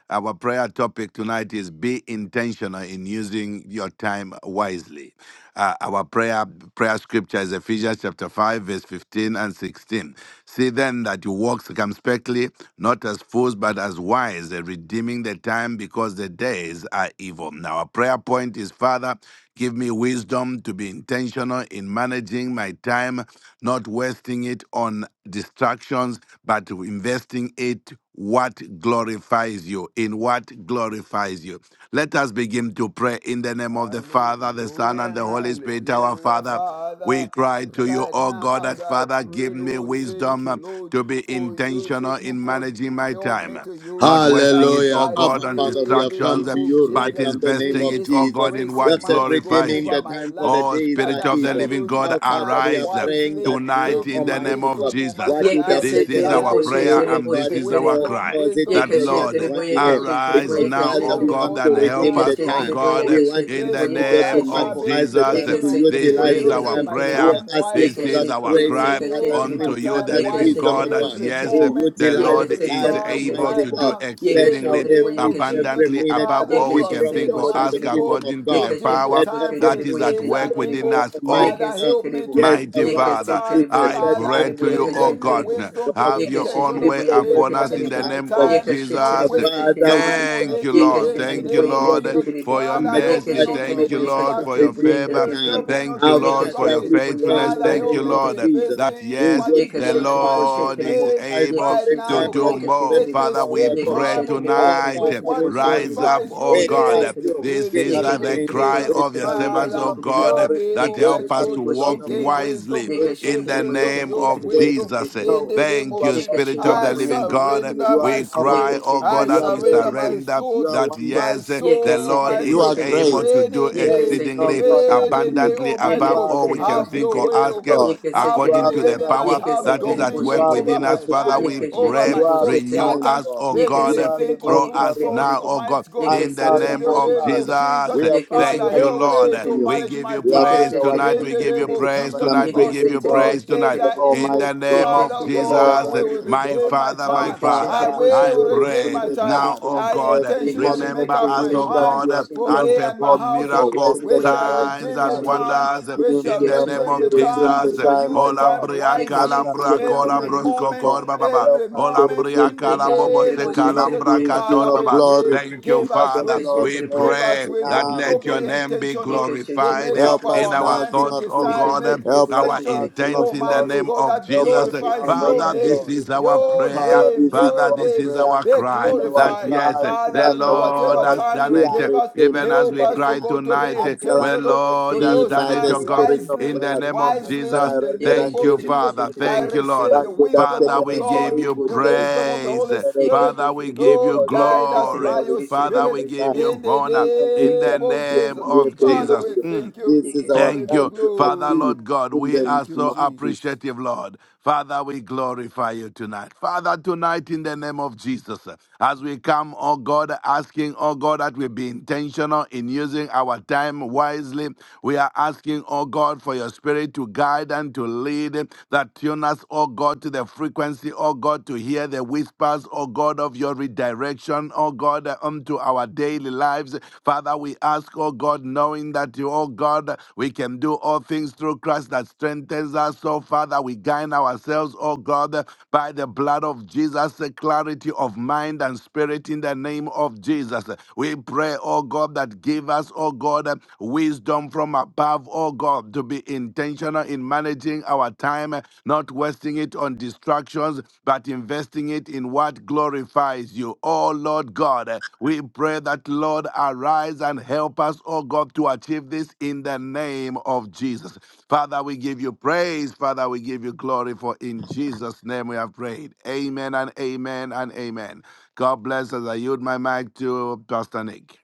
S4: Our prayer topic tonight is be intentional in using your time wisely. Uh, our prayer prayer scripture is Ephesians chapter 5, verse 15 and 16. See then that you walk circumspectly, not as fools, but as wise, eh, redeeming the time because the days are evil. Now, our prayer point is Father, give me wisdom to be intentional in managing my time, not wasting it on distractions, but investing it what glorifies you, in what glorifies you. Let us begin to pray in the name of the Father, the Son, and
S3: Hallelujah,
S4: the Holy Spirit, our
S3: hallelujah,
S4: Father. We
S3: Father.
S4: cry to you,
S3: Right
S4: oh God,
S3: now, as
S4: that
S3: I
S4: Father, give
S3: pray,
S4: me
S3: Lord, thank
S4: wisdom uh,
S3: you, Lord,
S4: to be
S3: for
S4: intentional
S3: using, oh
S4: in
S3: God,
S4: managing my
S3: help
S4: time,
S3: me
S4: uh,
S3: to use
S4: not
S3: my
S4: wasting
S3: time
S4: it, oh
S5: Hallelujah.
S4: God,
S5: Abba,
S4: on
S5: Father, we
S3: wisely in
S5: have
S3: the
S5: come
S4: distractions,
S3: name
S4: uh,
S5: to
S3: of
S5: you right
S4: but
S5: now
S3: Jesus.
S5: in the name
S4: investing
S5: of
S4: it,
S3: Release the
S4: oh God,
S5: Jesus.
S4: in
S3: grace,
S5: You have
S4: what
S5: said,
S3: Almighty God,
S4: glorifies
S5: redeeming
S3: over
S5: the
S4: you.
S3: my
S5: time for the
S3: life
S4: Oh
S5: days
S3: that
S5: are
S4: Spirit
S3: I
S4: of the
S3: shall
S5: evil.
S4: living
S3: use
S4: God,
S3: my
S5: Our Father,
S3: time
S5: we are
S4: arise uh,
S5: praying
S3: wisely.
S5: that
S4: tonight
S5: now,
S3: Give
S4: in
S3: me
S4: the name
S5: Almighty
S4: of
S5: God,
S3: wisdom, oh my
S4: Jesus.
S5: what
S4: Uh,
S3: God.
S5: would have
S3: I
S4: This is
S5: taken us
S4: our
S3: desire
S2: Yekeseterebo,
S5: 10 years,
S4: prayer
S3: wisdom,
S5: oh
S4: and
S2: sheterebo,
S5: God,
S4: this is our
S5: for,
S2: sheterebo.
S3: wisdom,
S4: cry
S5: cause it to
S3: wisdom,
S4: that,
S3: the
S5: take us
S4: Lord,
S3: wisdom
S5: one
S2: Yekesheterebo,
S3: of
S5: year.
S3: God
S2: yekesheterebo,
S4: Arise
S3: through
S5: Because,
S3: the
S4: now,
S3: word
S5: Father,
S4: O
S5: we
S3: of
S2: yekesheterebo.
S4: God,
S5: want
S3: God.
S5: to
S4: and help
S5: redeem the
S4: us,
S3: Arise,
S4: O
S3: yes,
S5: time.
S2: Yekesheterebo,
S3: Lord.
S5: We
S4: God,
S5: want,
S4: in
S2: yekesheterebo,
S4: the
S3: Yes,
S5: Almighty
S3: Lord,
S5: God, to
S4: name
S3: I
S4: of
S3: shall
S2: yekesheterebo.
S3: be
S5: maximize the
S4: Jesus.
S5: time, to
S3: intentional
S4: This
S2: Yekeseterebo,
S3: in
S5: utilize
S4: is
S5: the
S4: our
S3: using
S5: time.
S3: my
S5: We
S4: prayer.
S2: yekesheterebo.
S5: are
S3: time
S5: asking
S4: This
S5: for
S3: wisely.
S5: that
S4: is our
S3: Let
S2: Yekesheterebo,
S5: grace
S3: me
S4: cry
S5: and that
S3: use my
S2: yekesheterebo.
S4: unto
S5: anointing
S4: you,
S5: and
S3: time
S4: the
S5: that
S4: living
S3: wisely
S5: wisdom, oh
S4: God,
S2: Yekesheterebo,
S4: that
S5: God
S3: every
S4: yes,
S5: to
S2: sheterebo.
S3: moment,
S4: the
S5: utilize
S4: Lord
S5: the
S3: every
S5: time,
S4: is
S2: Yekeseterebo,
S3: time,
S4: able
S5: Almighty
S4: to
S3: right
S2: sheterebo.
S4: do
S5: God.
S3: now,
S5: Let
S3: in
S5: our
S3: the
S4: exceedingly
S2: Yekesheterebo,
S3: name
S5: every
S3: of
S5: every
S3: Jesus.
S4: abundantly
S2: yekesheterebo.
S5: minute, oh
S4: above
S3: Father,
S5: God,
S4: all
S3: you
S5: be
S4: we
S3: have
S4: can
S3: said,
S4: think
S2: Yekesheterebo,
S4: or
S5: profitable to the
S4: ask
S3: Almighty
S2: sheterebo.
S5: kingdom
S3: God,
S5: of
S4: according to
S5: God.
S4: the
S3: redeem the
S4: power
S5: Let
S2: Yekesheterebo,
S3: time for
S5: every
S3: the
S4: that
S2: sheterebo,
S4: is
S5: minute
S4: at
S3: days
S5: be
S3: are
S4: work within
S2: yekesheterebo.
S3: evil.
S5: profitable,
S4: us. Oh.
S5: Almighty
S3: Father,
S5: God.
S3: help me
S2: Yekeseterebo.
S3: to
S5: Yes, oh
S4: Mighty
S3: redeem
S5: God,
S3: my
S5: in
S4: Father,
S2: Yekese
S3: time.
S2: terebo,
S5: business,
S4: I
S5: let
S3: Father,
S2: yekese
S4: pray
S3: I
S2: terebo,
S4: to
S5: every
S3: pray,
S4: you,
S5: minute
S4: O
S3: give
S2: yekese
S5: be
S3: me
S4: God,
S2: terebo.
S5: profitable,
S3: wisdom to
S5: oh
S3: be
S4: have
S5: God,
S4: your
S2: Yekese
S4: own
S3: intentional
S5: in
S4: way
S2: terebo,
S5: the work
S3: in
S4: upon
S2: yekese
S5: of
S4: us in
S3: managing
S5: our
S4: the
S2: terebo.
S3: my
S5: hands,
S4: name
S5: oh
S4: of
S3: time,
S5: God.
S2: Yekese
S3: not
S5: The
S4: Jesus.
S2: terebo,
S3: wasting
S2: yekese
S5: Father,
S3: time
S2: terebo.
S5: we
S3: on
S5: shall
S4: Thank you,
S3: it.
S5: be,
S4: Lord.
S2: Yekese
S3: In the
S5: Almighty
S4: Thank you,
S2: terebo,
S5: God,
S3: name of
S4: Lord,
S2: yekese
S3: Jesus,
S5: working,
S4: for
S2: terebo.
S4: your
S3: Father,
S5: Almighty
S3: help me
S4: mercy.
S5: God,
S2: Yekese
S3: not to be
S4: Thank
S2: terebo,
S4: you,
S5: knowing that
S4: Lord,
S5: you
S2: yekese
S5: have
S4: for your
S3: distracted.
S2: terebo,
S5: redeemed the
S4: favor.
S2: yekese
S5: time.
S3: Help me
S2: terebo.
S3: not
S4: Thank
S3: to
S4: you,
S5: Our
S3: be
S4: Lord, for
S2: Yekese
S5: Father,
S4: your
S3: distracted.
S5: we
S2: terebo,
S5: pray
S4: faithfulness.
S5: in
S2: yekese
S3: Father,
S5: the
S4: Thank you,
S3: help
S2: terebo,
S5: name
S3: me
S5: of
S3: to
S4: Lord,
S2: yekese
S5: Jesus.
S3: invest
S2: terebo.
S3: in
S4: that
S5: We
S4: yes,
S3: what is
S4: the
S5: utilize
S2: Yekeshetelebo,
S3: glorifies
S5: and
S3: your
S4: Lord is
S2: shetelebo,
S3: name
S5: maximize
S4: able
S3: right
S5: the
S3: now,
S4: to
S5: time
S3: oh
S2: yekeshetelebo,
S5: that
S4: do
S3: God.
S5: you have set
S4: more.
S3: Let
S2: yekeshetelebo,
S3: me
S4: Father,
S5: before
S4: we
S5: us,
S3: spend
S5: O
S4: pray
S5: God.
S3: time, oh
S2: yekeshetelebo,
S3: God,
S5: Our
S4: tonight.
S3: with
S5: Father, we
S2: yekeshetelebo,
S3: what
S5: thank
S4: Rise
S5: you.
S2: shetelebo,
S4: up,
S3: glorifies
S4: oh
S3: your
S5: We
S4: God.
S5: trust
S3: name.
S5: you,
S2: yekesetelebo,
S4: This
S3: In
S5: King
S3: the
S4: is
S5: of
S4: uh,
S3: name
S4: the
S3: of
S5: Kings.
S2: yekeshetelebo,
S4: cry
S5: We
S3: Jesus,
S4: of your
S2: shetelebo,
S5: trust you,
S4: servants,
S5: King
S3: Father,
S4: oh
S5: of
S2: yekeshetelebo,
S4: God,
S3: help
S5: Glory.
S3: me,
S4: that
S5: We
S4: help
S3: Almighty
S4: us
S5: trust
S4: to
S3: God,
S2: yekeshetelebo,
S5: you, Lord
S4: walk
S3: to
S5: of
S3: gain
S2: shetelebo,
S5: Lords.
S4: wisely
S3: wisdom,
S5: We trust
S3: receive
S4: in the
S5: you,
S2: yekeshetelebo, yekeshetelebo,
S3: wisdom,
S4: name
S5: Ancient of
S3: use
S4: of
S5: Days,
S3: wisdom
S4: Jesus.
S3: in
S2: yekeshetelebo,
S3: the
S5: knowing
S3: name
S5: that
S4: Thank
S3: of
S5: our
S4: you,
S3: Jesus.
S5: God,
S4: Spirit
S5: you
S4: of
S5: are
S4: the
S3: I
S4: Living
S5: mighty,
S4: God.
S3: surrender
S5: you
S2: yekeshetelebo, yekeshetelebo,
S5: are
S3: my
S4: We
S3: spirit,
S4: cry,
S5: powerful,
S4: oh
S3: I
S4: God,
S5: you
S2: yekeshetelebo,
S4: as
S5: are
S4: we
S3: surrender
S2: shetelebo,
S5: faithful,
S3: my
S4: surrender
S5: you
S3: thoughts,
S5: are
S4: that
S3: my
S5: wonderful.
S4: yes,
S2: Yeke
S4: the
S3: soul,
S2: se
S4: Lord
S3: Almighty
S5: You
S2: terebo
S4: is
S5: are
S3: God,
S2: she
S4: able
S5: great.
S2: terebo.
S4: to
S3: reign
S4: do
S3: in
S5: There
S2: Yeke
S5: is
S3: me,
S2: se
S5: no
S4: exceedingly
S2: terebo
S5: God
S2: she
S3: reign
S5: like
S3: in
S2: terebo.
S5: you.
S3: me,
S4: abundantly
S3: Almighty
S5: You
S2: Yeke
S4: above
S3: God.
S5: are
S2: se
S4: all
S5: the
S4: we
S2: terebo
S4: can
S3: Have
S2: she
S5: covenant
S4: think
S3: your
S4: or
S3: way,
S2: terebo.
S3: O
S5: keeping
S4: ask
S3: God.
S5: God.
S2: Yeke se
S5: You
S3: Have
S4: according
S5: are
S2: terebo.
S4: to
S5: the
S4: the
S3: preeminence,
S4: power
S5: righteous
S2: Yeke
S3: have
S2: se
S4: that
S5: God.
S4: is at
S2: terebo
S5: You
S3: dominion
S2: she
S4: work
S5: are the
S3: over
S4: within
S2: terebo.
S3: my
S4: us.
S5: merciful
S4: Father,
S3: life,
S4: we
S5: God.
S2: Yeke she
S3: over
S4: pray,
S5: You
S3: my
S2: terebo
S5: are the
S2: she
S3: thought
S4: renew
S2: terebo.
S5: kind
S3: pattern.
S4: us,
S5: God.
S4: oh
S3: Let
S2: Yeke
S3: me
S5: You
S2: se
S4: God.
S5: are the
S3: think
S2: terebo
S5: all
S3: of
S4: Throw
S3: good
S2: yeke
S4: us
S2: she
S5: glorious
S3: thoughts,
S4: now,
S5: God.
S2: terebo.
S4: oh God,
S3: Almighty God,
S5: My
S2: Yeke
S4: in
S2: se
S4: the
S5: Father,
S3: in
S4: name
S2: terebo
S5: my
S3: the
S2: she
S4: of
S3: name of
S5: Father,
S2: terebo.
S4: Jesus.
S3: Jesus.
S5: we have
S2: Yeke
S5: put
S2: se
S3: Father,
S4: Thank
S5: our
S4: you,
S3: help
S2: terebo
S5: trust
S2: she
S4: Lord.
S3: me
S5: in
S3: to
S4: We
S5: you.
S2: terebo.
S3: manage
S4: give
S3: my
S4: you
S5: We have
S2: Yeke
S5: put
S3: time
S4: praise
S2: se
S5: our
S4: tonight.
S3: in
S5: trust
S2: terebo
S4: We
S3: the
S2: she
S4: give
S5: in
S4: you
S3: name
S5: you, the
S3: of
S2: terebo.
S4: praise
S3: Jesus,
S5: covenant
S3: O
S4: tonight. We
S2: Yeke
S3: God,
S4: give
S2: se
S5: keeping
S4: you
S3: for the
S5: God,
S2: terebo
S4: praise
S2: she
S3: days
S4: tonight.
S5: the
S3: are
S2: terebo.
S4: In the
S3: evil.
S5: Almighty
S4: name
S5: God,
S2: Yeke
S4: of
S2: she
S3: Father
S5: the
S3: God,
S2: terebo
S5: all
S3: I
S2: she
S4: Jesus,
S3: will
S2: terebo.
S5: righteous
S4: my
S5: God,
S3: redeem my
S4: Father,
S5: that
S4: my
S3: time. I
S4: Father,
S5: Father.
S2: Yekeshetiri
S5: Father,
S2: bo
S4: I
S3: will
S5: you
S2: shetiri bo
S3: redeem
S4: pray
S5: redeem
S3: my
S2: shetiri
S5: the
S2: bo
S3: time.
S4: now,
S5: time.
S2: shetiri
S4: oh
S2: bo.
S3: I
S4: God,
S5: Every
S3: intentionally
S5: month,
S3: make
S2: Yekeshetiri
S4: remember
S2: bo
S5: every
S3: up
S4: us,
S3: my
S5: minute
S4: oh
S5: that
S2: yekeshetiri
S3: mind
S5: we
S4: God,
S2: bo
S5: have
S3: for
S2: shetiri
S5: lost,
S4: and
S2: bo.
S3: me
S5: oh
S3: and my
S5: God,
S4: perform
S5: or
S3: household.
S4: miracle
S2: Yekeshetiri bo
S3: We
S5: wasted, oh
S3: shall
S5: God.
S2: yekeshetiri
S4: signs
S3: redeem
S2: bo
S4: and
S3: the
S5: Father, we
S2: shetiri bo.
S3: time.
S5: are
S4: wonders
S5: asking
S3: We
S5: Him
S3: shall
S4: in
S5: to
S4: the
S5: help
S4: name
S5: us
S3: redeem
S2: Yekeshetiri
S5: to
S4: of
S3: the
S2: bo
S5: redeem
S3: time
S5: the
S4: Jesus.
S3: and
S2: shetiri bo
S3: shall
S5: time,
S3: use
S5: oh
S3: the
S2: shetiri bo.
S3: time
S5: God.
S4: Olambria
S5: At
S3: wisely
S5: such
S2: Yekeshetiri
S5: a
S4: calambra
S2: bo
S5: time
S3: every
S5: as
S2: shetiri bo.
S4: colabros
S5: this, oh
S3: moment,
S5: God,
S4: cocor baba.
S5: help
S3: every
S5: us to
S3: moment
S5: redeem
S3: in
S5: the
S3: the
S4: Olambria
S5: time.
S2: Yekeshetiri
S3: name
S2: bo
S3: of
S5: King of
S2: shetiri
S3: Jesus.
S2: bo
S5: kings, King
S3: Father,
S2: yekeshetiri
S5: of
S3: we
S2: bo
S4: Baba.
S3: pray,
S5: glory,
S2: shetiri bo.
S4: Thank you,
S3: give
S5: Lord
S3: us
S5: of
S4: Father.
S5: lords,
S3: wisdom,
S4: We
S2: Yekeshetiri bo
S5: help
S3: give us
S4: pray
S5: us
S2: yekeshetiri
S4: that
S2: bo
S3: wisdom
S5: now.
S3: to
S4: let
S2: shetiri
S4: your
S3: be
S2: bo.
S4: name be
S3: intentional, to
S2: Yekeshetiri bo
S4: glorified
S3: make up
S5: Help
S4: in
S5: us
S3: our
S2: yekeshetiri
S4: our
S5: now,
S2: bo.
S3: mind,
S5: King
S3: to
S4: thoughts,
S5: of
S4: oh
S5: Kings.
S3: decide,
S4: God
S3: make
S2: Yekeshetiri bo
S5: Help us
S4: our
S3: decisions
S5: now,
S2: yekeshetiri
S5: King
S2: bo
S5: of
S4: intent in the
S2: shetiri
S3: Almighty
S2: bo.
S5: Glory.
S4: name
S3: God,
S4: of
S3: that
S5: Help
S4: Jesus.
S2: Yeke
S5: us now,
S3: glorifies
S2: sheterebo,
S5: Lord
S3: your
S4: Father,
S5: of
S2: yeke
S4: this
S3: name,
S5: Lords.
S4: is
S2: sheterebo,
S4: our
S5: Oh,
S3: your
S2: yeke
S4: prayer.
S5: Father,
S3: name,
S5: this is
S2: sheterebo,
S4: Father,
S3: your
S5: our
S4: this
S3: name.
S4: is
S2: sheterebo,
S5: prayer
S4: our
S3: Be
S4: cry
S5: and
S2: yeke
S5: our
S4: that
S3: glorified,
S2: sheterebo,
S4: yes,
S5: cry
S4: the
S3: Father,
S2: sheterebo,
S5: that
S3: in
S2: yeke
S5: our
S4: Lord
S3: whatever
S2: sheterebo,
S5: God,
S4: has
S3: time
S4: done
S3: you
S5: we
S4: it.
S5: are
S2: sheterebo,
S3: gave us.
S4: Even
S5: redeeming
S2: yeke
S4: as
S3: Help
S4: we
S5: the
S3: us, to
S2: sheterebo,
S4: cry
S3: go
S5: time.
S3: to
S2: sheterebo,
S4: tonight,
S3: be
S2: bo bo bo,
S4: well,
S3: intentional
S5: Accelerated
S3: to
S4: Lord
S2: yeke
S4: has
S5: speed
S3: use
S4: done
S5: by
S4: it,
S5: the
S3: time
S2: sheterebo,
S4: oh
S2: yeke
S4: God,
S5: Spirit of
S2: sheterebo,
S3: wisely.
S4: in the
S5: God.
S2: yeke
S4: name of
S2: sheterebo,
S3: Wisely
S4: Jesus.
S3: in the
S5: Accelerated
S2: yeke
S3: name
S4: Thank you,
S3: of
S2: sheterebo,
S3: Jesus,
S5: achievement
S4: Father.
S5: of
S2: sheterebo,
S3: I
S4: Thank
S5: God.
S4: you,
S2: yeke
S4: Lord.
S3: receive
S5: What
S3: the
S2: sheterebo,
S5: would have
S3: wisdom
S4: Father,
S5: taken
S3: of
S4: we
S2: yeke
S5: us a
S3: God,
S4: give
S5: week
S4: you
S2: sheterebo,
S5: would
S3: the
S2: bo
S5: take us,
S3: wisdom
S2: sheterebo,
S3: of the
S5: Almighty
S4: praise.
S3: Holy
S5: God, a
S2: yeke
S5: day.
S3: Spirit.
S4: Father, we
S2: sheterebo,
S4: give you
S3: Lord,
S5: Because of
S2: yeke
S3: guide us
S5: Father, we
S4: glory.
S3: by
S5: are
S2: sheterebo,
S3: your
S5: redeeming
S2: sheterebo,
S4: Father,
S5: in the
S3: Spirit
S4: we give
S5: time.
S2: sheterebo,
S4: you
S3: in the
S4: honor
S5: Father,
S2: yeke
S5: we
S4: in the
S3: name
S5: trust
S2: sheterebo,
S3: of
S5: you
S4: name
S3: Jesus.
S5: and
S2: sheterebo,
S5: we
S4: of
S2: yeke
S3: Father,
S5: believe
S4: Jesus.
S3: we
S5: you.
S2: sheterebo,
S4: Mm,
S3: thank you.
S5: This is
S2: yeke
S3: We
S2: she,
S5: our
S3: give
S4: Thank
S3: you
S4: you,
S5: time to
S4: Father,
S3: glory.
S5: achieve
S4: Lord God.
S5: in
S4: We
S5: the
S4: are
S3: Thank you,
S5: name
S4: so
S5: of Jesus.
S3: Jesus.
S4: appreciative, Lord. Father, we glorify you tonight. Father, tonight in the name of Jesus. As we come, oh God, asking, oh God, that we be intentional in using our time wisely. We are asking, oh God, for your spirit to guide and to lead, that tune us, oh God, to the frequency, oh God, to hear the whispers, oh God, of your redirection, oh God, unto our daily lives. Father, we ask, oh God, knowing that you, oh God, we can do all things through Christ that strengthens us. So, Father, we guide ourselves, oh God, by the blood of Jesus, the clarity of mind mind and spirit in the name of Jesus. We pray, oh God, that give us, oh God, wisdom from above, oh God, to be intentional in managing our time, not wasting it on distractions, but investing it in what glorifies you. Oh Lord God, we pray that, Lord, arise and help us, oh God, to achieve this in the name of Jesus. Father, we give you praise. Father, we give you glory, for in Jesus' name we have prayed. Amen and amen and amen. God bless as I yield my mic to Pastor Nick.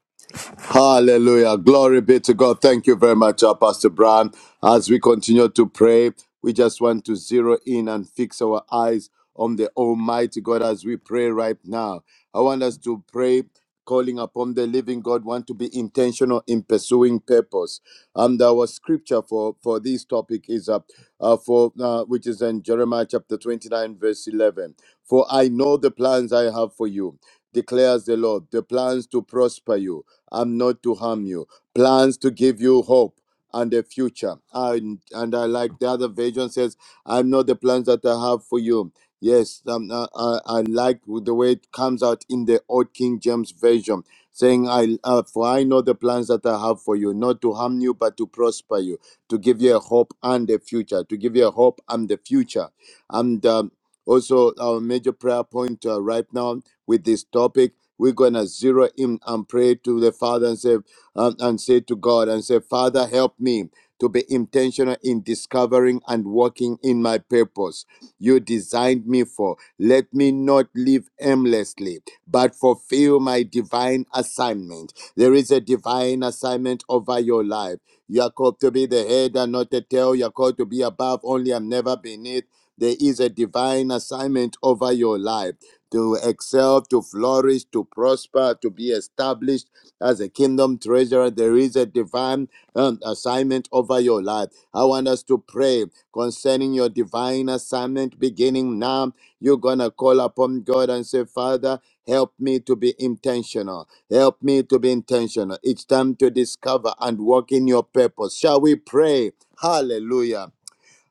S5: Hallelujah. Glory be to God. Thank you very much, uh, Pastor Brown. As we continue to pray, we just want to zero in and fix our eyes on the Almighty God as we pray right now. I want us to pray, calling upon the living God, want to be intentional in pursuing purpose. And our scripture for, for this topic is uh, uh, for uh, which is in Jeremiah chapter 29, verse 11. For I know the plans I have for you, declares the Lord, the plans to prosper you I'm not to harm you. Plans to give you hope and a future. And, and I like the other version says, i know the plans that I have for you. Yes, um, I, I, I like the way it comes out in the Old King James Version, saying, I, uh, For I know the plans that I have for you, not to harm you, but to prosper you, to give you a hope and a future, to give you a hope and the future. And um, also, our major prayer point uh, right now with this topic we're gonna zero in and pray to the Father and say um, and say to God and say, Father, help me to be intentional in discovering and walking in my purpose you designed me for. Let me not live aimlessly, but fulfill my divine assignment. There is a divine assignment over your life. You are called to be the head and not the tail. You are called to be above only and never beneath. There is a divine assignment over your life to excel, to flourish, to prosper, to be established as a kingdom treasurer. There is a divine um, assignment over your life. I want us to pray concerning your divine assignment beginning now. You're going to call upon God and say, Father, help me to be intentional. Help me to be intentional. It's time to discover and walk in your purpose. Shall we pray? Hallelujah.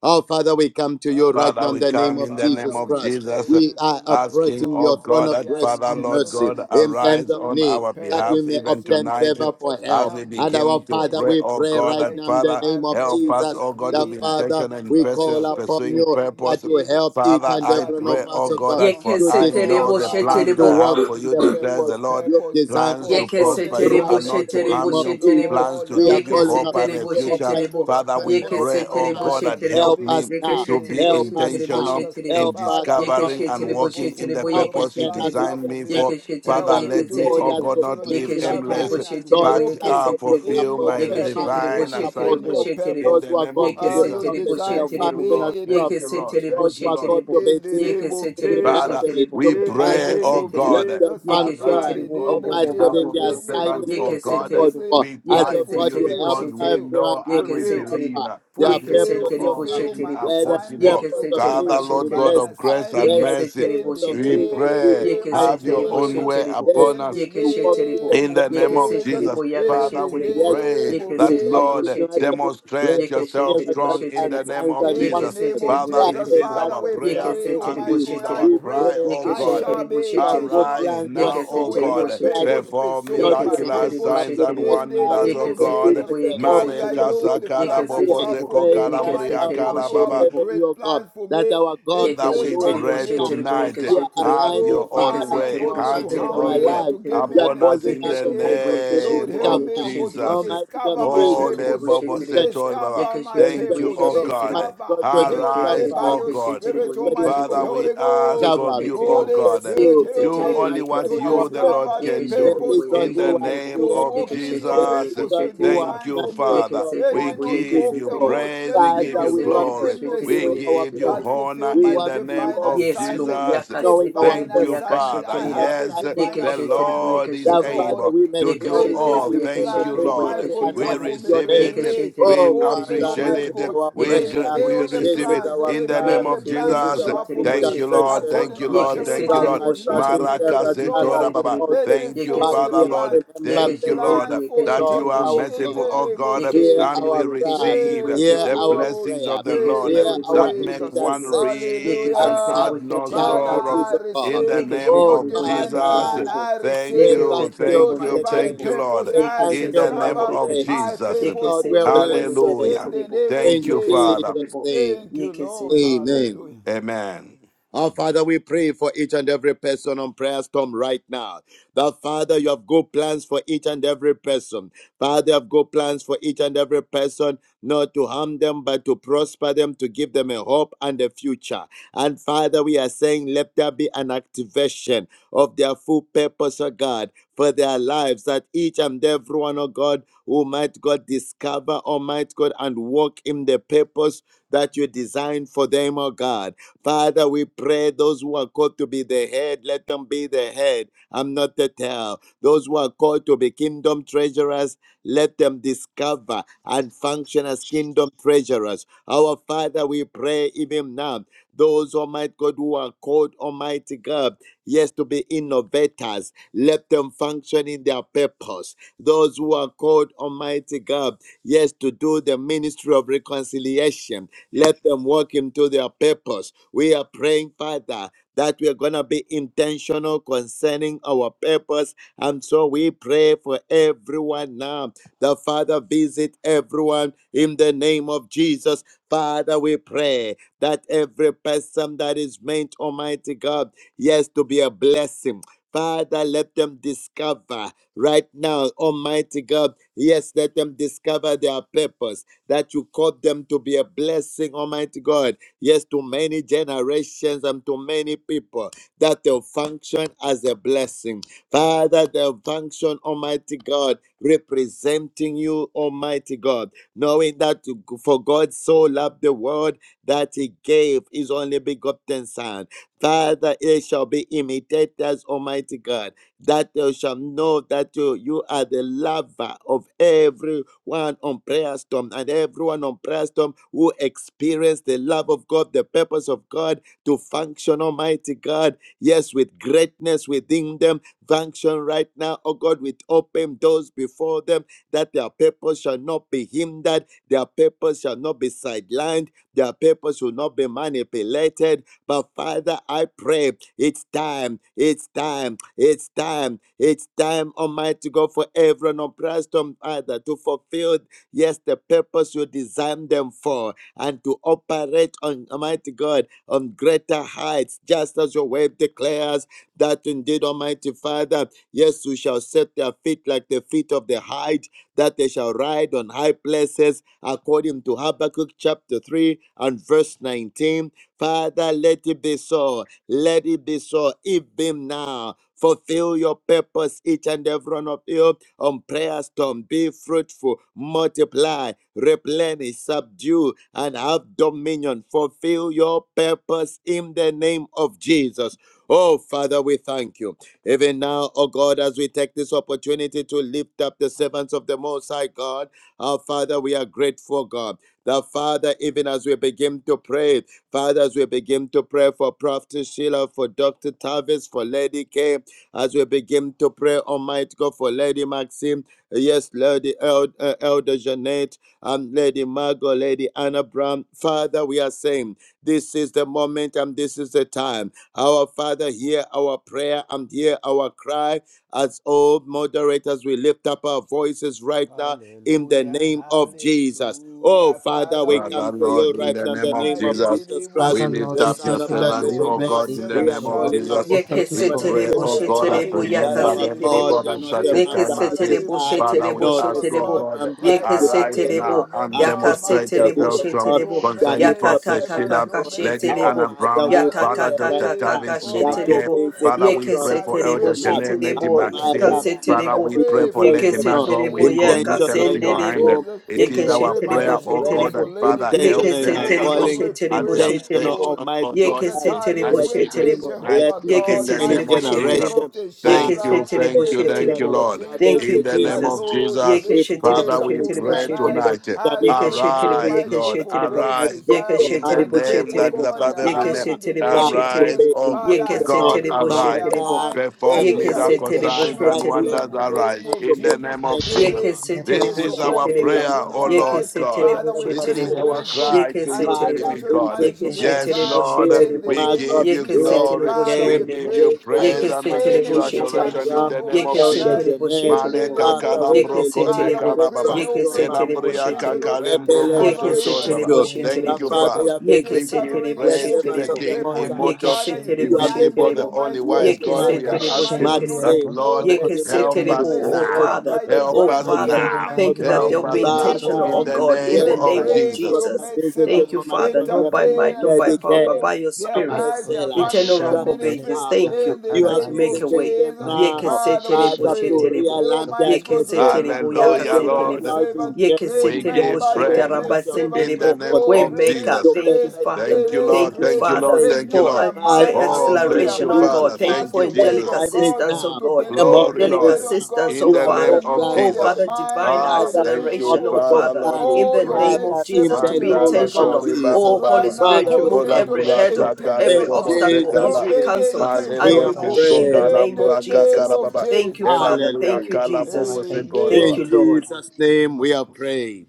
S5: Oh, Father, we come to you right
S4: Father,
S5: now in
S4: we
S5: the name
S3: Hallelujah,
S4: come in
S5: of
S4: the name
S3: Father.
S5: Jesus
S4: of
S3: We
S5: Christ.
S4: Jesus, uh,
S3: thank
S5: We
S3: you
S5: are
S3: tonight, oh
S4: asking,
S5: approaching
S3: God.
S4: oh
S5: your throne
S4: God,
S5: of
S3: We
S4: that
S3: are
S5: grace
S4: Father,
S5: and
S4: Lord
S3: intentional
S5: mercy
S4: God,
S3: in
S5: in times
S4: arise
S5: of
S3: pursuing
S4: on
S5: need
S3: your
S4: our
S5: that we
S4: behalf
S3: purpose,
S5: may
S4: even
S5: obtain
S3: pursuing your
S4: tonight uh,
S5: favor for
S3: purpose. I
S4: as
S5: help.
S4: we
S3: am
S5: And
S3: being
S5: our
S4: begin to
S5: Father,
S4: pray,
S5: we
S4: oh
S3: intentional
S5: pray
S4: God,
S5: right
S4: that
S3: tonight.
S5: now in the
S4: Father,
S3: I
S5: name of
S3: make
S4: help
S3: a
S4: us,
S5: Jesus,
S4: oh God, to
S5: the
S4: be
S3: decree and a
S5: Father,
S4: intentional in
S5: we call
S4: pursu-
S3: declaration in
S5: upon
S3: the
S4: pursuing
S5: you
S3: name
S5: that
S3: of
S4: purpose.
S5: you
S3: Jesus.
S5: help each
S4: Father,
S3: I
S5: and
S4: I
S3: shall
S5: every one
S4: pray,
S5: of
S3: be
S5: us,
S4: oh
S5: oh
S4: God,
S5: God,
S4: that
S3: intentional.
S2: yeke
S4: for
S5: to
S4: I know
S3: Lord,
S2: sheterebo,
S4: the
S5: discover
S3: help
S5: and
S3: me,
S4: plans
S5: to
S2: sheterebo.
S3: oh
S4: I
S5: walk
S4: have
S3: God,
S4: for
S3: to
S5: in
S4: you,
S5: the
S3: fulfill
S4: declares the
S3: your
S5: purpose
S4: Lord,
S5: you've
S3: purpose,
S5: designed
S4: plans
S3: purpose,
S4: to
S5: us
S2: Yeke
S5: for.
S2: se
S4: prosper you
S5: Right
S3: pursue
S2: terebo
S4: and
S5: now
S2: she
S4: not
S5: in
S4: to
S5: the
S3: purpose.
S5: name
S2: terebo
S4: harm
S5: of
S2: she
S4: you,
S2: terebo.
S5: Jesus,
S4: plans
S3: Lord,
S4: to
S5: we are
S3: help
S4: give
S3: me
S4: you
S2: Yeke
S5: calling
S3: to
S2: se
S4: hope and
S5: upon
S4: a
S2: terebo
S3: pursue
S5: you,
S2: she
S3: your
S4: future.
S5: Almighty
S3: purpose,
S2: terebo.
S5: God,
S3: the
S4: Father,
S5: that
S4: we
S3: purpose
S2: Yeke
S5: help
S3: for
S4: pray,
S5: us
S2: se
S3: my
S4: oh
S2: terebo
S5: now.
S4: God,
S3: life
S2: she
S4: that
S3: and
S4: help
S2: terebo.
S5: Help
S3: living
S4: me
S5: us
S2: Yeke
S5: now.
S3: in
S2: she
S4: to
S3: the
S4: be
S2: terebo
S5: Help
S3: name
S2: she
S5: us
S3: of
S2: terebo
S5: now.
S2: she
S4: intentional
S3: Jesus.
S2: terebo.
S4: in
S5: Help us,
S3: Father,
S5: oh
S3: I
S2: Yeke
S4: discovering
S5: God
S2: she
S4: and
S3: pray, oh
S2: terebo
S3: God,
S2: she
S4: walking
S3: for,
S4: in the
S2: terebo
S3: because of
S2: yeke
S3: the
S4: purpose
S2: she
S4: you
S5: awaken us
S3: plans you
S2: terebo.
S5: into
S3: have
S4: designed
S3: for
S5: the
S4: me
S3: me.
S5: purpose
S4: for.
S2: Yeke she terebo
S3: Help
S4: Father,
S5: that
S3: me
S5: you
S2: yeke
S4: let
S3: to
S2: se
S4: me,
S5: called
S3: be
S4: oh
S5: us
S2: terebo.
S4: God,
S5: to
S4: not
S3: intentional,
S5: brought
S4: live
S2: Yeke
S5: in a
S2: she
S5: God.
S2: terebo
S4: aimless,
S3: discovering
S2: she
S3: and
S5: Those
S2: terebo
S4: but
S5: that are
S3: walking
S4: uh,
S5: called to be
S3: in
S4: fulfill
S3: your
S4: my
S5: apostles,
S2: yeke se terebo. Yeke she
S5: function
S3: purpose,
S2: terebo
S5: as
S4: divine
S3: walking
S2: she
S3: in
S2: terebo
S5: apostles.
S4: assignment
S3: your
S2: she
S4: in
S5: Those
S2: terebo.
S3: purpose
S4: the
S5: who are
S4: name
S5: called
S4: of
S5: to
S2: Yeke
S5: be
S3: uh,
S2: se
S3: you
S4: Jesus.
S2: terebo
S5: prophets,
S2: she
S3: designed
S5: they'll
S4: Thank
S3: for
S4: you,
S2: terebo.
S5: function as
S4: Lord.
S3: me in the
S4: Thank
S2: Yeke
S3: name
S4: you,
S5: prophets.
S2: se
S3: of
S4: Lord.
S3: Jesus.
S2: terebo
S4: Thank
S5: Those who
S4: you,
S2: she
S5: are
S4: Lord.
S5: called to
S2: terebo.
S5: be
S3: In the name
S2: Yeke
S5: teachers,
S2: se
S3: of
S5: to be
S2: terebo she
S3: Jesus.
S4: Father,
S5: evangelists,
S2: terebo.
S5: to
S4: we
S5: be
S3: In the
S4: pray,
S2: Yeke
S5: pastors,
S3: name
S4: oh
S2: se
S3: of
S2: terebo.
S5: let
S4: God,
S5: them
S3: Jesus.
S2: Yeke se
S3: In
S5: function.
S4: arise
S2: terrible,
S3: the
S2: bo
S4: on
S3: name
S2: bo
S4: the
S2: bo
S3: of
S5: Almighty
S2: bo
S5: God,
S4: behalf
S3: Jesus.
S5: in
S2: bo
S4: of
S5: the
S2: bo
S4: your
S2: bo.
S3: Let me not
S4: servants,
S5: assignment
S3: live
S4: oh
S5: that
S2: Yeke
S5: you
S2: se
S5: are
S4: God.
S5: called
S2: terrible.
S3: aimlessly,
S5: for,
S4: We
S5: as
S4: cry
S3: but
S2: Yeke
S5: of
S4: to
S2: se
S5: God,
S4: you
S5: you
S3: fulfill,
S2: terrible,
S5: help
S2: she
S4: because we
S2: terrible.
S3: fulfill,
S5: everyone
S4: know
S5: to
S4: and
S2: Yeke
S4: we
S2: se
S3: fulfill.
S4: believe
S5: discover
S2: terrible.
S5: their
S4: that
S2: Yeke
S4: with
S2: se
S3: Fulfill,
S4: you
S5: purpose of
S2: terrible,
S4: all
S5: God,
S2: she
S3: fulfill
S4: things
S3: my
S4: are
S2: terrible.
S5: whether it's
S4: possible.
S3: assignment,
S2: Yeke
S3: oh
S5: purpose
S2: se
S5: of
S3: God,
S5: being
S2: terrible,
S4: Father,
S3: my
S2: she
S4: Lord
S5: an
S4: God
S3: divine
S2: terrible.
S4: of
S5: investor,
S4: grace and
S3: assignment
S2: Yeke
S5: where is the
S2: se
S4: mercy,
S3: in
S2: terrible,
S5: purpose
S3: the
S5: of
S2: she
S4: we
S5: this
S2: terrible.
S5: indeed,
S4: pray,
S3: name
S2: Yeke
S3: of
S2: se
S4: have
S5: Almighty
S4: your
S2: terrible,
S4: own
S2: she
S5: Father?
S3: Jesus,
S4: way
S2: terrible.
S5: Yes,
S4: upon
S3: in
S5: um,
S3: the
S4: us.
S2: Yeke
S5: to
S2: she
S5: walk in the
S2: terrible.
S3: name
S4: In the
S3: of
S5: grace of
S4: name
S2: Yeke
S4: of
S2: se
S5: the
S3: Jesus,
S4: Jesus,
S2: terrible,
S5: ministry of
S2: yaka
S3: in
S2: she
S4: Father,
S3: the
S4: we
S2: terrible.
S5: reconciliation,
S4: pray
S3: name
S2: Yeke
S3: of
S5: to
S2: she
S4: that,
S5: walk
S3: Jesus,
S2: terrible,
S5: in
S4: Lord,
S5: the
S2: she
S5: actually
S2: terrible.
S5: the
S4: demonstrate
S5: grace
S2: Yeke
S5: of
S2: she
S4: yourself
S2: terrible,
S5: miracles
S4: strong
S2: she
S4: in
S5: and
S4: the
S2: terrible.
S4: name
S5: signs
S4: of
S5: and
S3: in the
S2: Yeke
S4: Jesus.
S2: se
S5: wonders.
S3: name of
S2: terrible,
S4: Father,
S2: she
S3: Jesus,
S4: this is
S2: terrible.
S5: Whatever
S3: Father,
S4: our
S5: the
S3: we
S2: Yeke
S4: prayer
S3: pray,
S2: she
S5: assignment
S4: and
S2: terrible,
S3: Almighty
S5: is,
S4: this
S2: she
S4: is
S3: God, I
S4: our
S5: we
S2: terrible.
S4: cry,
S3: pray.
S5: pray
S4: oh
S2: Yeke
S3: I
S2: she
S4: God.
S5: today.
S3: shall
S2: terrible,
S3: be
S5: You
S2: she
S5: have
S2: terrible.
S5: good
S3: intentional
S4: Arise
S5: plans
S3: in
S5: for
S4: now,
S2: Yeke se
S4: oh
S3: pursuing
S5: everyone in
S3: my
S2: terrible,
S4: God.
S2: she
S5: prayer
S3: purpose,
S2: terrible.
S5: storm
S4: Perform
S3: pursuing
S5: not
S2: Yeke
S5: to
S3: my
S2: se
S5: harm us,
S4: miraculous
S2: terrible,
S3: purpose
S5: but
S2: she
S4: signs
S5: to
S4: and
S2: terrible.
S3: in
S5: prosper
S3: the
S5: us,
S4: wonders,
S3: name
S4: oh
S2: Yeke
S3: of
S5: to
S2: se
S5: give
S4: God.
S3: Jesus.
S5: us
S2: terrible,
S5: a
S2: yeke
S5: hope
S2: se
S3: For I
S5: and
S4: Mareka
S5: a
S2: terrible.
S3: know the
S5: future.
S4: sakala
S3: plans
S2: Yeke se
S3: that
S5: We
S3: you
S4: bobo
S5: are
S3: have
S2: terrible.
S3: for
S4: seko
S3: me,
S5: praying
S2: Yeke
S5: right
S2: se
S3: Almighty
S5: now
S3: God.
S5: and
S2: terrible,
S3: You
S2: she
S3: have a
S4: kalambria
S2: terrible.
S5: believing
S3: great
S5: you, God,
S3: plan for
S5: that
S3: me,
S5: our
S3: a
S5: God, you
S4: Father,
S2: Yeke
S5: are
S2: she
S4: we
S3: great path
S5: doing it
S2: terrible,
S3: for
S4: pray
S2: she
S3: me to
S5: now.
S2: terrible,
S4: tonight.
S2: yeke
S5: You
S2: she
S3: prosper.
S5: are
S2: terrible.
S4: Have
S5: aligning
S4: your
S3: Oh,
S5: our
S2: Yeke
S4: own
S3: Father,
S2: se
S5: hearts,
S3: oh
S4: way.
S3: God,
S5: our
S2: terrible,
S3: not
S2: she
S3: to
S4: Have your
S5: minds,
S2: terrible,
S3: harm
S5: our
S4: own
S3: me,
S2: yeke
S4: way
S3: but
S2: she
S5: lives.
S3: to give me
S2: terrible.
S5: You are
S3: an
S4: upon us
S5: causing
S4: in
S2: Yeke
S5: us,
S3: expected
S4: the
S2: she
S5: Almighty
S3: end.
S2: terrible,
S5: God,
S2: yeke
S5: to
S2: she
S3: Lord,
S4: name
S2: terrible,
S3: help
S5: discover.
S4: of
S3: me,
S2: yeke
S3: oh
S2: she
S3: God, to
S2: terrible.
S4: Jesus.
S5: Almighty God,
S3: discover my
S5: we
S4: Oh,
S5: choose
S4: the
S5: to
S2: Yekeshetelebo
S3: purpose.
S5: be
S4: Baba said
S2: shetelebo.
S4: to
S5: intentional
S4: Baba,
S3: Discover my
S4: thank
S2: Yekeshetelebo
S4: you,
S3: purpose.
S4: oh
S5: intentional,
S4: God.
S2: yekeshetelebo.
S5: Almighty
S3: Discover.
S5: God, to
S3: Help me
S4: Arise,
S2: Yekeshetelebo
S3: by
S5: discover,
S4: oh
S3: your
S4: God.
S3: spirit,
S5: Almighty
S2: yekeshetelebo
S5: God,
S3: Almighty God.
S4: Father, we
S5: intentional
S3: Holy
S5: to
S2: yekeshetelebo.
S4: ask
S3: Ghost.
S4: of
S5: discover
S4: you, O
S5: and
S2: Yekeshetelebo.
S3: Holy
S4: God,
S3: Spirit,
S5: pursue,
S3: help
S4: do
S3: me
S2: Yekeshetelebo
S4: only
S5: Almighty God,
S4: what
S3: to
S5: our
S4: you,
S2: yekeshetelebo.
S4: the Lord,
S3: discover
S5: purpose,
S3: the
S4: can
S5: the
S4: do.
S3: purpose,
S2: Yekeshetelebo
S3: oh
S5: reason
S4: In
S5: we
S4: the
S3: God.
S5: were
S2: yekeshetelebo.
S4: name
S3: To
S5: created,
S4: of
S3: walk in your
S5: the
S2: Yekeshetelebo
S4: Jesus,
S3: purpose
S5: reason
S3: you
S5: we
S2: yekeshetelebo.
S5: were,
S4: thank
S3: designed
S4: you,
S3: for
S5: thank God,
S3: me.
S5: we
S4: Father.
S5: were
S3: Let
S4: We
S3: me
S5: born
S2: Yekeshetelebo
S3: not
S5: in this
S4: give
S3: walk,
S4: you
S3: oh
S5: world.
S3: God.
S2: yekeshetelebo.
S4: praise,
S3: Let
S4: we
S3: me
S4: give
S5: Father,
S3: not
S4: you
S5: we
S3: live
S5: want
S2: Yekeshetelebo
S5: to
S4: glory,
S2: shetelebo
S4: we
S5: fulfill
S3: aimlessly
S5: our
S4: give you
S3: but
S2: yekeshetelebo.
S5: purpose.
S4: honor
S3: fulfill
S5: We
S3: my
S4: in
S5: want
S4: the
S5: to
S4: name
S3: divine
S5: walk,
S4: of
S2: Yes,
S5: Almighty
S2: Lord.
S3: assignment.
S5: God,
S4: Jesus.
S5: knowing our
S3: Divine
S4: Thank
S2: Yakaseterebo,
S5: purpose,
S4: you,
S3: assignment.
S4: Father.
S3: I
S2: yakasheterebo,
S3: have a
S4: Yes,
S5: understanding
S3: divine
S5: our
S4: the
S5: purpose.
S2: yekesheterebo,
S3: assignment.
S4: Lord is
S5: That,
S2: yekesheterebo,
S5: Father,
S3: Lord,
S4: able
S5: we may
S4: to do
S3: release
S5: glorify
S4: all.
S2: yekesheterebo,
S3: the
S5: you, we
S4: Thank
S5: may
S4: you,
S3: plans,
S5: bring
S4: Lord.
S3: Almighty
S5: glory
S3: God,
S5: and
S3: you
S4: We
S3: have
S5: honor
S2: yekesheterebo,
S3: for
S5: to
S3: me.
S5: your
S4: receive
S2: yekesheterebo,
S5: name.
S4: it.
S3: Release.
S2: yekesheterebo,
S4: We
S5: Oh,
S3: Open,
S5: Father,
S4: appreciate
S5: this
S3: Almighty
S5: is
S2: yekesheterebo,
S4: it.
S3: God.
S5: our
S4: We, gr-
S5: prayer.
S4: we
S2: yekesheterebo,
S3: Reveal the
S5: This
S4: receive
S5: is
S4: it
S2: sheterebo,
S3: plans.
S5: our
S4: in the
S5: cry.
S4: name
S3: Reveal the
S4: of
S3: plans
S5: This
S2: yekesheterebo,
S5: is
S3: that
S4: Jesus.
S3: you
S5: our
S3: have for
S2: sheterebo,
S4: Thank
S3: me.
S4: you, Lord.
S2: sheterebo,
S5: intercession, oh
S4: Thank
S3: According
S4: you,
S3: to
S5: God.
S4: Lord. Thank you,
S5: Shall
S3: Jeremiah
S4: Lord.
S5: my
S2: yekeseterebo,
S5: trust
S3: 29:11.
S5: in
S2: sheterebo,
S5: chariots, others
S4: Marakasetora
S3: Lord,
S5: in
S4: Baba.
S2: yekeseterebo,
S3: let
S5: horses,
S3: me
S4: Thank you,
S5: but
S3: follow the
S5: we
S4: Father,
S5: have
S2: yekeseterebo,
S3: plan.
S4: Lord.
S3: The
S5: remembered
S4: Thank you,
S5: the name
S4: Lord,
S2: yekesheterebo,
S3: plan
S5: of
S3: for
S5: the
S3: your
S4: that
S5: Lord
S4: you are
S2: yekesheterebo,
S3: purpose.
S5: our
S3: In
S4: merciful,
S2: sheterebo,
S3: the
S5: God.
S4: O
S3: name
S2: yekesheterebo,
S3: of
S4: God,
S5: Hear
S4: and
S3: Jesus.
S4: we
S5: our cry.
S2: yekesheterebo,
S4: receive
S3: Thank
S5: Hear
S3: you,
S4: the
S5: our
S2: yekesheterebo,
S3: Lord.
S4: blessings
S5: prayer.
S4: of the Lord
S3: Thank
S5: Hear
S3: you,
S2: yekesheterebo,
S5: our
S4: that make
S3: Jesus.
S4: one
S2: yekesheterebo,
S5: intercession
S2: Yeke
S4: rich
S2: se
S5: at
S4: and
S5: such
S2: terebo,
S3: Hallelujah.
S4: add
S5: a
S2: she
S4: no
S2: terebo,
S5: time
S3: Father,
S2: she
S5: as
S4: sorrow.
S5: this,
S3: I
S5: O
S2: terebo.
S4: In
S5: God.
S4: the
S3: received
S2: Yeke
S4: name
S2: she
S5: Oh,
S3: your
S4: of
S2: terebo, yeke
S3: divine
S2: she
S4: Jesus,
S3: plan.
S5: Father,
S2: terebo.
S3: I
S4: thank
S5: we
S2: Yeke
S3: received
S4: you,
S2: se
S5: thank you
S3: your
S4: thank
S2: terebo,
S5: for
S2: she
S5: the
S4: you,
S3: divine
S4: thank
S2: terebo.
S4: you,
S5: grace.
S3: purpose.
S4: Lord.
S5: We
S3: I
S2: Yeke
S5: thank
S2: se
S4: In
S5: you
S4: the
S5: for
S2: terebo,
S4: name
S5: the
S3: discover
S2: she
S4: of
S5: grace.
S2: terebo.
S3: my
S4: Jesus,
S2: Yeke
S3: purpose
S5: Lord,
S3: for
S2: se
S5: we
S2: terebo,
S3: living
S5: bless
S2: yeke
S5: your
S2: se
S5: name.
S3: in
S4: hallelujah.
S3: the
S2: terebo.
S3: name of
S5: In
S4: Thank you,
S2: Yeke se
S3: Jesus.
S4: Father.
S5: Jesus'
S2: terebo,
S5: name,
S3: Thank you,
S2: yeke se
S3: Lord.
S2: terebo.
S5: amen.
S3: Hallelujah.
S4: Amen.
S5: Our Father, we pray for each and every person on prayer storm right now. That Father, you have good plans for each and every person. Father, you have good plans for each and every person, not to harm them, but to prosper them, to give them a hope and a future. And Father, we are saying, let there be an activation of their full purpose, oh God, for their lives, that each and every one, oh God, who might God discover, oh might God, and walk in the purpose that you designed for them, oh God. Father, we pray those who are called to be the head, let them be the head. I'm not the tail. Those who are called to be kingdom treasurers, let them discover and function as kingdom treasurers. Our Father, we pray even now. Those, Almighty God, who are called Almighty God, yes, to be innovators, let them function in their purpose. Those who are called Almighty God, yes, to do the ministry of reconciliation, let them walk into their purpose. We are praying, Father, that we are going to be intentional concerning our purpose. And so we pray for everyone now. The Father visit everyone in the name of Jesus. Father, we pray that every person that is meant, Almighty God, yes, to be a blessing. Father, let them discover right now, Almighty God. Yes, let them discover their purpose, that you called them to be a blessing, Almighty God yes, to many generations and to many people, that they'll function as a blessing. Father, they'll function, Almighty God, representing you, Almighty God, knowing that to- for God so loved the world that he gave his only begotten Son. Father, they shall be imitators, Almighty God, that they shall know that you, you are the lover of every one on prayer storm and everyone on prayer storm who experience the love of God, the purpose of God to function, Almighty God. Yes, with greatness within them, function right now, oh God, with open doors before them, that their purpose shall not be hindered, their purpose shall not be sidelined, their purpose will not be manipulated but Father, I pray it's time, it's time, it's time, it's time, Almighty God, for everyone on Preston, Father, to fulfill, yes, the purpose you designed them for and to operate on, Almighty God, on greater heights, just as your word declares that indeed, Almighty Father, yes, you shall set their feet like the feet of the hide, that they shall ride on high places, according to Habakkuk chapter 3 and verse 19 Father, let it be so. Let it be so. Even now, fulfill your purpose, each and every one of you, on prayer storm. Be fruitful, multiply, replenish, subdue, and have dominion. Fulfill your purpose in the name of Jesus. Oh, Father, we thank you. Even now, oh God, as we take this opportunity to lift up the servants of the Most High God, our Father, we are grateful, God. The Father, even as we begin to pray, Father, as we begin to pray for Prophet Sheila, for Dr. Tavis, for Lady K, as we begin to pray, Almighty God, for Lady Maxim, yes, Lady El- uh, Elder Jeanette, and Lady Margot, Lady Anna Brown. Father, we are saying this is the moment and this is the time. Our Father, hear our prayer and hear our cry. As all moderators, we lift up our voices right now in the
S3: Hallelujah,
S5: name of Jesus. Oh,
S3: hallelujah.
S5: Father,
S3: Father,
S5: we
S3: we
S4: Father,
S5: come to
S4: Lord,
S5: you
S3: thank you
S4: in
S5: right
S4: the
S5: now in the
S4: name of
S5: name
S3: tonight
S5: of
S3: in the
S4: Jesus,
S5: Jesus
S3: name of
S5: Christ,
S4: we
S6: Father,
S4: lift
S6: Lord,
S5: the
S3: Jesus
S6: we
S4: up your
S5: Son
S6: thank
S5: of
S6: you,
S5: the
S6: Lord,
S3: that
S6: for
S4: servants,
S3: your
S6: your
S5: living
S4: oh
S5: God.
S3: maid
S4: God,
S6: mercy,
S4: in the
S5: We
S3: servant
S6: grace,
S5: are
S4: name
S6: oh
S4: of
S3: shall
S6: Lord.
S5: calling
S3: be
S5: upon
S6: We
S4: Jesus.
S5: you,
S2: Yeke
S6: thank you
S4: We
S3: intentional
S6: for
S5: covenant
S4: pray,
S3: in
S2: seterebo
S6: all
S4: oh
S3: their
S5: keeping
S4: God,
S6: for
S5: God,
S4: that
S3: living
S2: sheterebo
S6: um,
S5: that
S2: yaka
S4: remember
S5: our
S3: in
S4: them,
S3: the
S4: oh
S5: God,
S3: name
S2: seterebo.
S6: Apostle,
S4: God,
S5: you are
S4: at
S3: of
S5: not
S4: such
S5: a
S4: a
S5: man
S3: Jesus.
S2: Neke
S4: time
S5: that
S4: as
S5: you
S3: Father,
S5: should
S4: this.
S3: we
S2: seterebo
S6: uh,
S5: lie,
S3: pray,
S4: Father,
S6: for
S4: we
S2: sheterebo
S6: God.
S5: nor the
S3: Jehovah
S4: ask, oh
S5: Son
S2: sheterebo.
S3: God,
S5: of
S4: God,
S5: Man that you
S3: right
S2: Yeke
S5: should
S3: now we
S4: arise
S5: repent.
S4: now
S2: seterebo
S4: and
S5: Have you
S3: remember,
S2: yaka
S5: not
S4: demonstrate
S3: mighty
S5: said it,
S2: seterebo
S4: yourself
S3: God
S5: O
S4: from
S5: God?
S3: your
S2: sheterebo.
S5: Shall
S4: concerning
S5: you
S3: maid
S2: Yaka
S5: not
S4: Prophet
S5: make
S2: kaka
S5: it
S3: servants,
S4: Sheila,
S3: your
S2: kaka
S5: good?
S3: maid
S4: Lady
S5: Our
S4: Anna
S3: servants.
S2: sheterebo.
S5: Father,
S4: Brown,
S5: we
S3: Father,
S2: Yaka
S3: we
S4: Father
S5: pray
S2: kaka
S4: Dr.
S5: right
S2: kaka
S3: pray,
S5: now
S4: Tarvin,
S2: kaka
S4: Lady
S5: that you
S3: Almighty
S4: K.
S2: sheterebo.
S3: God, for
S5: visit
S4: Father,
S5: our
S4: we
S3: Lady
S2: Yeke
S4: pray for
S3: Margot. We
S5: prophecy
S2: seterebo
S4: Elder
S3: pray
S5: lab.
S3: for
S4: Janelle, Lady
S3: Lady
S5: And
S2: sheterebo
S6: Lord
S2: yaka
S4: Maxine.
S3: Maxine.
S5: Father, we
S3: We
S4: Father,
S5: shall
S2: seterebo.
S4: we
S5: be
S4: pray
S3: pray
S4: for
S3: for
S2: Yeke
S4: Lady
S3: Elder
S6: Lady
S5: intentional,
S4: Margot.
S6: Sheila,
S2: seterebo
S4: We
S3: Janet
S6: Lord
S3: in
S2: yaka
S4: commit
S3: the
S4: them
S5: intentional
S4: to
S6: Almighty,
S3: name
S5: in
S6: oh
S4: your
S5: our
S3: of
S6: God,
S4: hand.
S2: senderebo.
S5: room,
S3: Jesus.
S4: It
S6: that
S4: is
S2: Yeke
S6: in
S3: We
S6: the
S4: our
S3: pray,
S5: intentional
S6: mighty
S5: in
S6: name,
S2: sheterebo
S4: prayer,
S5: our
S6: Lord,
S3: mighty
S4: oh
S5: prayer,
S3: God,
S4: God
S3: for
S4: and
S2: sheterebo.
S6: everything that
S3: Lady
S4: Father, help
S3: K,
S5: intentional
S2: Yeke
S5: in
S4: them
S6: we
S5: our
S4: oh
S3: Jehovah
S2: seterebo
S3: God.
S6: pursue
S5: calling,
S3: We
S6: their
S4: as
S2: sheterebo
S4: they
S6: prayers
S3: pray
S4: have
S6: in the
S5: intentional,
S4: said,
S6: mighty
S2: sheterebo.
S3: for
S6: name,
S4: oh
S5: Almighty
S4: God,
S2: Yeke
S3: Dr.
S4: since
S5: God.
S4: the
S6: everything that
S4: tonight,
S6: they
S3: Tavis,
S2: seterebo
S5: Yes,
S6: put
S3: we
S5: in
S4: even
S3: pray,
S5: being
S2: sheterebo.
S6: us
S5: a
S4: tonight,
S3: Jehovah
S5: blessing
S2: Yeke Yeke
S4: in
S3: God,
S6: in
S5: to
S4: the
S6: the
S5: many
S4: name
S3: mighty
S4: of
S3: God,
S6: mighty
S3: for
S6: name
S4: Jesus.
S2: she
S6: of
S5: generations.
S3: Prophet
S6: Jesus.
S4: Thank
S5: Father,
S3: Sheila,
S4: you,
S2: Yekesetelebo
S3: in
S2: shetelebo.
S4: thank
S3: the
S2: she
S4: you,
S5: visit
S4: thank
S3: name
S4: you,
S2: shetelebo.
S5: Dr.
S3: of
S4: Lord.
S5: Tavis
S6: They
S3: Jesus.
S2: Thank you,
S4: In the
S6: don't
S4: name
S3: That
S5: beginning
S4: of
S2: Jesus.
S6: help them
S5: now.
S3: Lord
S6: to be
S2: Yeke
S4: Jesus,
S5: We
S3: release
S2: Yeke
S5: pray
S3: grace
S4: Father,
S5: that
S4: we
S6: intentional intention and
S3: upon
S5: it's
S3: their
S4: pray
S5: time
S6: discover
S2: yeke
S5: for
S3: lives
S2: Yeke
S4: tonight.
S5: Dr.
S2: Yeke
S3: as
S5: Davis
S3: we
S5: to
S6: walking
S2: she
S6: in the
S3: pray,
S4: Arise,
S3: might
S6: purpose,
S5: experience
S3: go
S6: for
S4: Lord,
S3: for
S6: Father
S2: terebo
S5: your
S6: Lord.
S3: God's
S5: mighty,
S4: arise
S5: God,
S3: desire
S5: your
S2: she
S4: in the
S6: Design
S3: and
S5: mighty
S2: terebo
S6: them
S2: she
S6: and
S4: name
S6: their
S3: purpose
S4: that is
S2: terebo.
S5: presence
S3: over
S5: and
S4: above
S6: family.
S3: their
S4: every
S2: Yeke she terebo yeke
S3: lives
S4: name.
S2: she terebo. Yeke she
S5: power.
S3: in the
S6: Let them
S2: terebo
S3: name
S6: know
S2: she
S3: of
S5: Father,
S6: they
S5: to
S3: Jesus.
S4: Arise,
S5: be
S2: terebo.
S6: found
S4: oh
S3: Father, I
S2: Yeke she
S3: pray,
S5: intentional.
S4: God,
S6: much.
S2: Yekeshetelebo she shetelebo. Yeke yekeshetelebo. Yekeshetelebo she
S3: renew
S6: Name
S4: arise.
S3: their
S2: Yekeshetelebo
S5: Father,
S3: minds
S6: Jesus.
S5: we
S3: that
S4: Perform
S3: they
S2: Yeke
S3: shall be
S5: believe
S6: Makoro
S4: miracle
S5: you
S2: Yekesetelebo shetelebo.
S4: signs
S3: intentional
S5: that
S4: and
S2: she
S6: bashanda
S5: you
S2: shetelebo.
S5: have
S4: wonders,
S3: in the
S6: rabaye.
S5: caused
S4: arise
S3: name
S5: us
S3: of
S5: to
S4: in
S5: be
S4: the
S6: Kere
S3: Jesus.
S4: name of Jesus.
S2: Yeke
S6: bashende
S5: intentional.
S3: Release
S2: se
S4: This
S3: grace,
S5: Father,
S2: terebo
S4: is
S6: soko
S2: she
S5: the
S4: our
S3: Almighty
S5: way
S3: God,
S5: you
S2: terebo.
S4: prayer,
S3: upon
S5: designed
S4: O
S3: their
S5: us
S2: Yeke
S5: to
S4: Lord
S3: lives
S2: se
S5: fulfill
S4: God.
S2: terebo
S3: Father, we
S2: she
S4: This
S3: pray
S5: purpose
S4: is
S3: for
S6: Makara
S2: terebo.
S5: even
S4: our
S3: wisdom
S5: now.
S4: cry
S2: Yeke
S6: bashanda
S4: to
S2: se
S3: and
S4: you, the
S6: rabaye.
S2: terebo.
S5: Father,
S4: living
S3: intention in
S5: visit
S4: God.
S2: Yeke
S3: managing
S6: Kere
S5: Almighty
S2: she
S3: their
S4: Yes,
S5: God,
S3: time
S2: terebo she
S6: bashende
S4: Lord,
S3: in
S5: Lady
S3: the
S2: terebo.
S4: we
S3: name
S5: Margot,
S4: give
S3: of
S4: you
S2: Yeke
S3: Jesus.
S2: se
S6: torobo.
S5: Lady
S4: glory,
S2: terebo
S3: Father,
S2: she
S4: we
S5: Kay,
S3: we
S6: In the
S4: give
S2: terebo.
S4: you
S3: pray
S6: mighty
S5: visit
S6: name
S5: right
S4: praise,
S6: of
S2: Yeke
S3: against
S4: and
S2: se
S5: now,
S4: we
S6: Jesus.
S4: give
S3: any
S4: you
S2: terebo
S5: Lady
S2: she
S5: Anna
S2: terebo.
S4: adoration in
S3: distraction
S5: Brown,
S4: the name
S3: over
S2: Yeke
S4: of
S3: their
S2: se
S5: Elder
S4: Jesus.
S3: lives
S2: terebo
S6: Makarabashenere
S2: she
S5: Jeanette.
S3: in the
S2: terebo.
S4: Maleka
S3: name
S6: busokotori
S5: Father,
S3: of
S5: we
S3: Jesus.
S2: Yeke
S4: kalambroko
S2: se
S5: believe
S4: se
S5: you
S3: Father,
S5: and
S6: endere
S3: we
S2: terebo.
S5: we
S3: pray,
S4: kalababa.
S5: trust
S2: Yeke
S3: help
S5: you,
S2: se
S3: them
S5: Abba
S3: to
S6: busakatarabo.
S3: be
S2: terebo
S4: Elambria
S2: she
S5: Father.
S2: terebo.
S3: intentional,
S5: We
S4: kakalembro
S5: believe you and
S2: Yeke
S5: we
S3: discovering
S2: se
S5: trust
S3: and
S4: kosotorbaba.
S2: terebo
S5: you.
S2: she
S6: Makarabashendere
S3: walking
S4: Thank
S5: Your
S3: in
S4: you,
S2: terebo.
S5: Father, you
S4: Father.
S3: purpose,
S5: are
S6: busokotori
S2: Yeke
S4: We
S2: se
S5: visiting
S4: give
S6: endere
S3: discovering
S6: bu.
S2: terebo
S3: and
S5: the
S2: she
S4: praise to
S3: walking
S4: the
S5: servants of
S3: in
S2: terebo.
S5: the
S4: King,
S5: Most
S3: purpose.
S5: High
S2: Yeke
S5: God.
S4: immortal,
S2: se
S3: Father, you
S5: You
S2: terebo
S6: Makarabashendere
S5: are
S6: bu.
S2: she
S3: designed
S4: invisible,
S3: them,
S4: the
S5: visiting
S2: terebo.
S4: only
S3: Almighty God.
S4: wise
S5: Lady
S2: Yeke
S4: God.
S2: se
S3: Let
S4: We are
S3: them,
S5: Margaret,
S2: terebo
S3: Almighty
S4: asking
S2: she
S3: God, not
S6: Makerebashendere
S2: terebo.
S4: that
S5: Maxim,
S4: Lord,
S3: walk
S2: Yeke
S5: Lady
S6: busokotori
S2: se
S3: Live
S4: help
S2: terebo.
S5: Maxim,
S4: us
S2: Oh
S3: aimlessly,
S5: Lady
S4: now.
S6: yandarabaye.
S3: but
S2: Father,
S3: by
S5: Margaret,
S4: Help
S2: oh
S3: divine
S4: us
S5: Elder
S2: Father,
S5: Jeanette,
S4: now.
S3: fulfillment
S5: oh
S2: thank you
S5: God.
S2: that
S4: Help
S2: they'll
S3: in
S6: Makerebayenere
S2: be
S4: us
S3: the
S4: now.
S3: name
S2: intentional,
S3: of
S4: In
S2: oh
S5: Father,
S4: the
S6: busokotori
S3: Jesus.
S2: God, in
S3: We
S4: name
S5: yes,
S2: the
S4: of
S2: name
S5: Mother,
S6: yandarabaye.
S5: my
S2: of
S3: pray for
S5: God,
S4: Jesus.
S3: your
S5: you are
S2: Jesus.
S3: maid
S5: visiting,
S2: Thank
S3: servants.
S2: you,
S5: oh my
S2: Father, not
S5: God,
S2: by
S3: Intervene
S2: might,
S3: and
S2: not by
S5: Lady
S2: power, but
S5: Kay,
S3: transform
S2: by your
S3: their
S2: spirit.
S5: Prophet
S3: lives, their
S5: Sheila.
S3: family,
S2: Eternal
S3: their
S2: rock of
S5: Dr.
S6: Makorabashendere
S3: ministry
S2: ages,
S5: Tavis.
S2: thank you
S3: in the
S5: You are
S2: that you
S3: name
S6: busakatarabaye.
S2: make
S3: of
S2: a
S5: visiting
S2: way.
S5: them
S3: Jesus.
S2: Yeke
S5: now,
S2: se
S3: Father, we
S2: terebo,
S5: Father,
S2: she
S3: pray.
S5: to
S6: Makerebashendere
S2: terebo.
S5: realign their
S3: Almighty
S2: Yeke
S6: busokotori
S3: God,
S2: se
S5: destiny
S6: yandarabo.
S2: terebo,
S5: with
S3: remember
S2: yaka
S4: Hallelujah,
S5: your,
S2: se
S3: your
S5: what
S3: maid
S5: you
S4: Lord.
S6: Father,
S2: terebo.
S5: have
S3: servant,
S5: been
S6: Lord, we
S5: pre-
S2: Yeke se
S6: bless
S4: We
S5: in
S6: all of
S2: terebo,
S4: give
S3: remember
S5: for
S6: them,
S2: she
S6: all
S5: them,
S3: your
S6: of
S4: praise
S5: what
S3: maid
S2: teraba
S6: them,
S5: your
S6: O Lord
S3: servants,
S4: in the
S5: purpose
S2: senderebo.
S4: name
S5: for
S6: Almighty,
S3: Lord,
S5: them,
S6: O
S4: of
S3: release
S2: Waymaker,
S4: Jesus.
S5: to
S2: thank you,
S6: and
S3: grace,
S6: the
S5: perfect
S2: Father.
S4: Thank you,
S3: release
S5: everything
S4: Lord.
S2: Thank
S5: that
S2: you,
S6: silver,
S4: Thank
S3: grace,
S4: you,
S2: Father,
S4: Lord.
S5: concerns
S4: Thank you,
S5: them.
S3: renew
S2: for
S4: Lord.
S2: uh,
S3: their
S2: uh,
S6: the
S3: minds,
S5: Father,
S6: Lord
S4: Oh,
S5: oh
S3: renew
S4: thank
S3: their
S6: Almighty,
S5: Lord,
S2: acceleration,
S4: you,
S6: that
S2: oh
S5: we
S3: mind
S6: you
S3: to
S4: Father.
S2: God. Thank
S5: pray.
S2: you
S6: continue
S4: Thank
S3: trust
S2: for
S4: you,
S3: the
S6: to
S5: The
S3: word
S6: bless
S2: angelic
S4: Jesus.
S6: them,
S3: of
S5: time
S6: O
S5: is
S3: God,
S2: assistance,
S6: Lord
S2: oh
S5: now.
S3: to
S2: God.
S5: The
S6: Almighty,
S3: believe
S4: Glory,
S3: the
S5: moment
S2: Angelic
S5: is
S3: word
S4: Lord.
S3: of
S5: now.
S6: intentionally
S3: God,
S2: assistance,
S4: In
S6: bless
S2: oh
S5: You
S4: the
S5: have
S6: them in
S4: name
S6: the
S5: good
S2: Father.
S4: of
S6: mighty
S5: plans
S3: renew
S2: Oh,
S5: for
S6: name
S3: their
S6: of
S4: Jesus.
S2: Father,
S5: them.
S6: Jesus,
S3: minds
S2: divine
S6: O
S3: in
S4: Ah,
S3: the
S5: Father,
S6: Lord.
S4: thank
S5: perform
S3: name
S4: you,
S2: acceleration,
S6: That
S5: the
S2: oh,
S3: of
S6: they-
S5: good
S3: Jesus.
S4: Father,
S2: Father,
S6: wherever they
S4: Lord.
S5: plans.
S4: We
S6: put
S2: in
S6: their
S3: All
S2: the
S3: your
S6: hands
S4: pray.
S6: to,
S2: name
S6: they
S3: maid
S2: of
S5: Father,
S6: will
S5: in
S2: Jesus,
S3: servants,
S2: to
S6: prosper
S5: the
S2: be
S6: in the
S5: name
S3: Jehovah
S4: Mandale
S5: of
S6: mighty
S3: God,
S2: intentional.
S4: kori
S5: Jesus.
S4: babo
S6: of
S2: Oh, Holy
S3: right
S4: baba.
S6: Jesus.
S3: now,
S2: Spirit,
S5: Father, we
S3: cause
S2: remove
S3: them
S5: thank
S6: Makoraba
S3: to
S2: every
S3: be
S5: you.
S4: Olambra
S2: hurdle,
S4: kakale
S6: shenderebo
S2: every
S5: In
S4: bobo
S3: intentional,
S2: obstacle
S5: Jesus'
S6: sakatarabo,
S2: is
S3: to
S4: sekala.
S5: name,
S3: be
S2: reconciled
S4: Male
S5: we
S2: and
S5: are
S6: makoraba
S4: brosis
S3: intentional
S2: removed in the
S5: praying.
S4: kokala
S3: in
S2: name
S3: the
S2: of
S4: mbra
S6: shenderebo
S3: name
S2: Jesus.
S4: kakala
S3: of
S4: baba.
S2: Thank you,
S3: Jesus.
S2: Father.
S6: seketeriandarabo.
S4: Elambria
S2: Thank
S5: Hallelujah.
S2: you,
S4: kala
S6: Father, I
S2: Jesus.
S4: bobo
S6: thank
S4: sekori
S6: you,
S2: Thank
S4: baba.
S5: In
S2: you,
S6: Lord, in the
S3: Amen.
S2: Lord.
S5: Jesus'
S6: mighty
S5: name,
S6: name of
S5: we are
S6: Jesus.
S5: praying.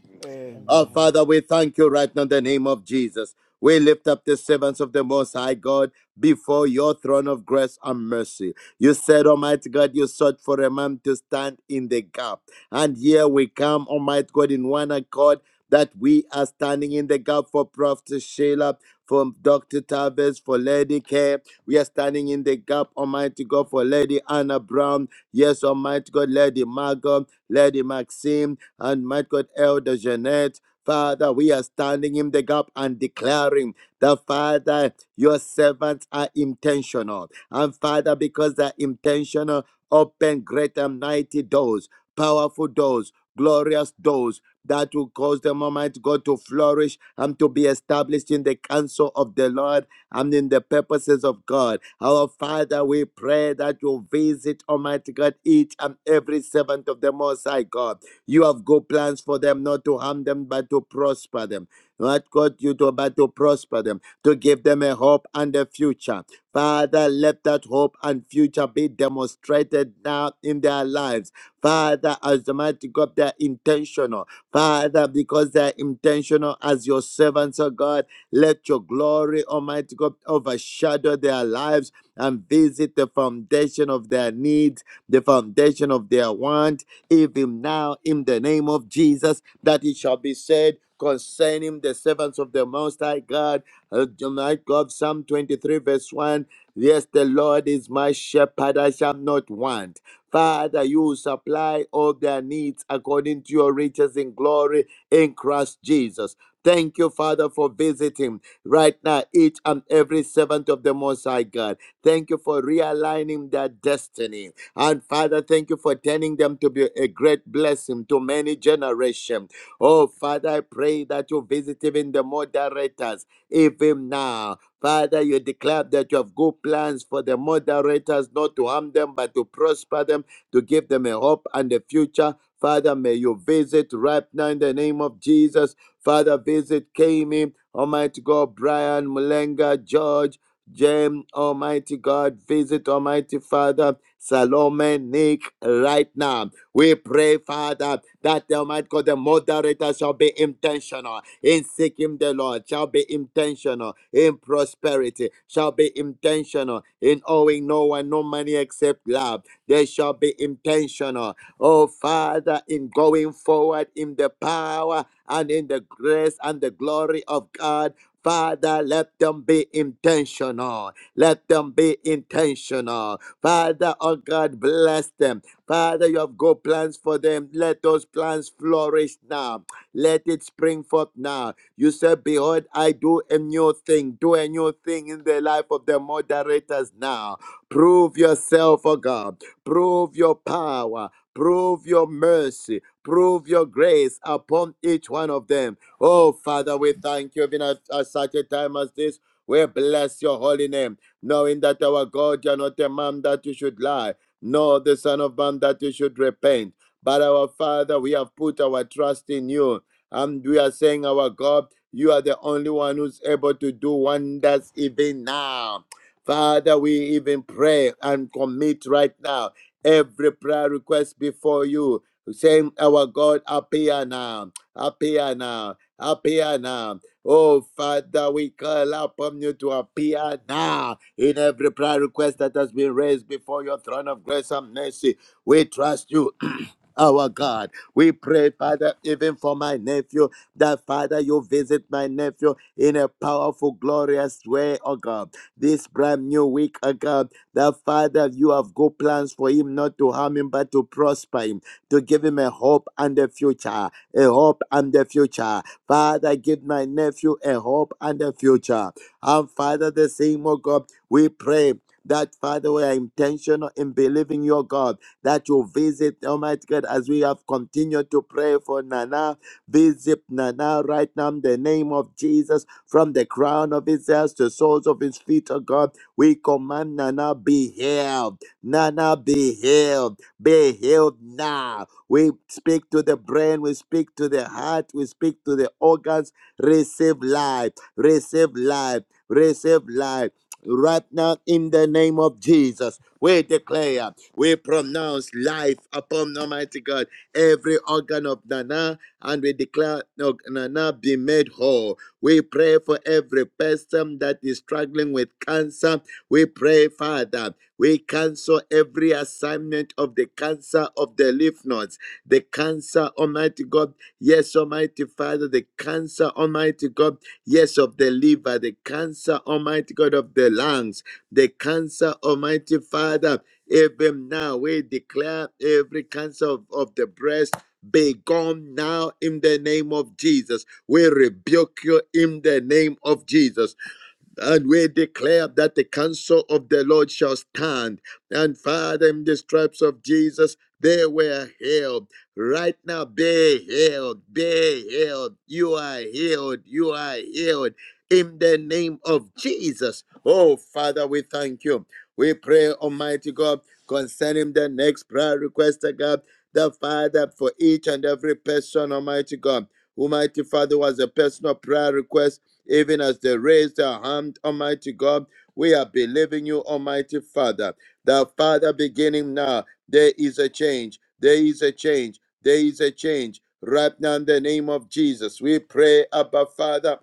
S5: Oh,
S3: Amen.
S6: Amen.
S5: Father, we thank you right now in the name of Jesus. We lift up the servants of the Most High God before your throne of grace and mercy. You said, Almighty God, you sought for a man to stand in the gap. And here we come, Almighty God, in one accord that we are standing in the gap for Prophet Sheila, for Dr. Tavis, for Lady K. We are standing in the gap, Almighty God, for Lady Anna Brown. Yes, Almighty God, Lady Margot, Lady Maxine, and Mighty God, Elder Jeanette. Father, we are standing in the gap and declaring that, Father, your servants are intentional. And Father, because they're intentional, open great and mighty doors, powerful doors, glorious doors that will cause the Almighty God to flourish and to be established in the counsel of the Lord and in the purposes of God. Our Father, we pray that you visit, Almighty God, each and every servant of the Most High God. You have good plans for them, not to harm them, but to prosper them. Not God, you do, but to prosper them, to give them a hope and a future. Father, let that hope and future be demonstrated now in their lives. Father, as the mighty God, they're intentional. Father, because they're intentional as your servants, oh God, let your glory, Almighty God, overshadow their lives and visit the foundation of their needs, the foundation of their want even now in the name of Jesus, that it shall be said concerning the servants of the Most High God, uh, my God, Psalm 23, verse 1. Yes, the Lord is my shepherd, I shall not want. Father, you supply all their needs according to your riches in glory in Christ Jesus. Thank you, Father, for visiting right now each and every servant of the Most High God. Thank you for realigning their destiny and Father, thank you for turning them to be a great blessing to many generations. Oh, Father, I pray that you visit even the moderators, even now. Father, you declare that you have good plans for the moderators, not to harm them, but to prosper them, to give them a hope and a future. Father, may you visit right now in the name of Jesus. Father, visit Kami, Almighty God, Brian, Mulenga, George. James, Almighty God, visit Almighty Father, Salome, Nick, right now. We pray, Father, that the Almighty God, the moderator shall be intentional in seeking the Lord, shall be intentional in prosperity, shall be intentional in owing no one no money except love. They shall be intentional, oh Father, in going forward in the power and in the grace and the glory of God Father, let them be intentional. Let them be intentional. Father, oh God, bless them. Father, you have good plans for them. Let those plans flourish now. Let it spring forth now. You said, Behold, I do a new thing. Do a new thing in the life of the moderators now. Prove yourself, oh God. Prove your power. Prove your mercy. Prove your grace upon each one of them Oh, Father, we thank you even at, at such a time as this. We bless your holy name, knowing that our God, you are not a man that you should lie, nor the Son of Man that you should repent. But our Father, we have put our trust in you, and we are saying, Our God, you are the only one who's able to do wonders even now. Father, we even pray and commit right now every prayer request before you, saying, Our God, appear now, appear now appear now. Oh, Father, we call upon you to appear now in every prayer request that has been raised before your throne of grace and mercy. We trust you. Our God, we pray, Father, even for my nephew, that Father, you visit my nephew in a powerful, glorious way, oh God. This brand new week, oh God, that Father, you have good plans for him, not to harm him, but to prosper him, to give him a hope and a future, a hope and a future. Father, give my nephew a hope and a future. And Father, the same, oh God, we pray. That Father, we are intentional in believing your God that you visit Almighty God as we have continued to pray for Nana. Visit Nana right now in the name of Jesus from the crown of his head to the soles of his feet, oh God. We command Nana be healed. Nana be healed. Be healed now we speak to the brain, we speak to the heart, we speak to the organs. Receive life, receive life, receive life. Right now, in the name of Jesus, we declare, we pronounce life upon Almighty God, every organ of Nana, and we declare no, Nana be made whole. We pray for every person that is struggling with cancer. We pray, Father, we cancel every assignment of the cancer of the lymph nodes the cancer, Almighty God. Yes, Almighty Father, the cancer, Almighty God. Yes, of the liver, the cancer, Almighty God, of the lungs, the cancer, Almighty Father. Even now, we declare every cancer of, of the breast be gone now in the name of Jesus. We rebuke you in the name of Jesus. And we declare that the counsel of the Lord shall stand. And Father, in the stripes of Jesus, they were healed. Right now, be healed, be healed. You are healed, you are healed. In the name of Jesus. Oh, Father, we thank you. We pray, Almighty God, concerning the next prayer request, oh God, the Father, for each and every person, Almighty God. Almighty Father, was a personal prayer request even as they raised their hand, Almighty God. We are believing you, Almighty Father. The Father, beginning now, there is a change. There is a change. There is a change. Right now, in the name of Jesus, we pray, Abba Father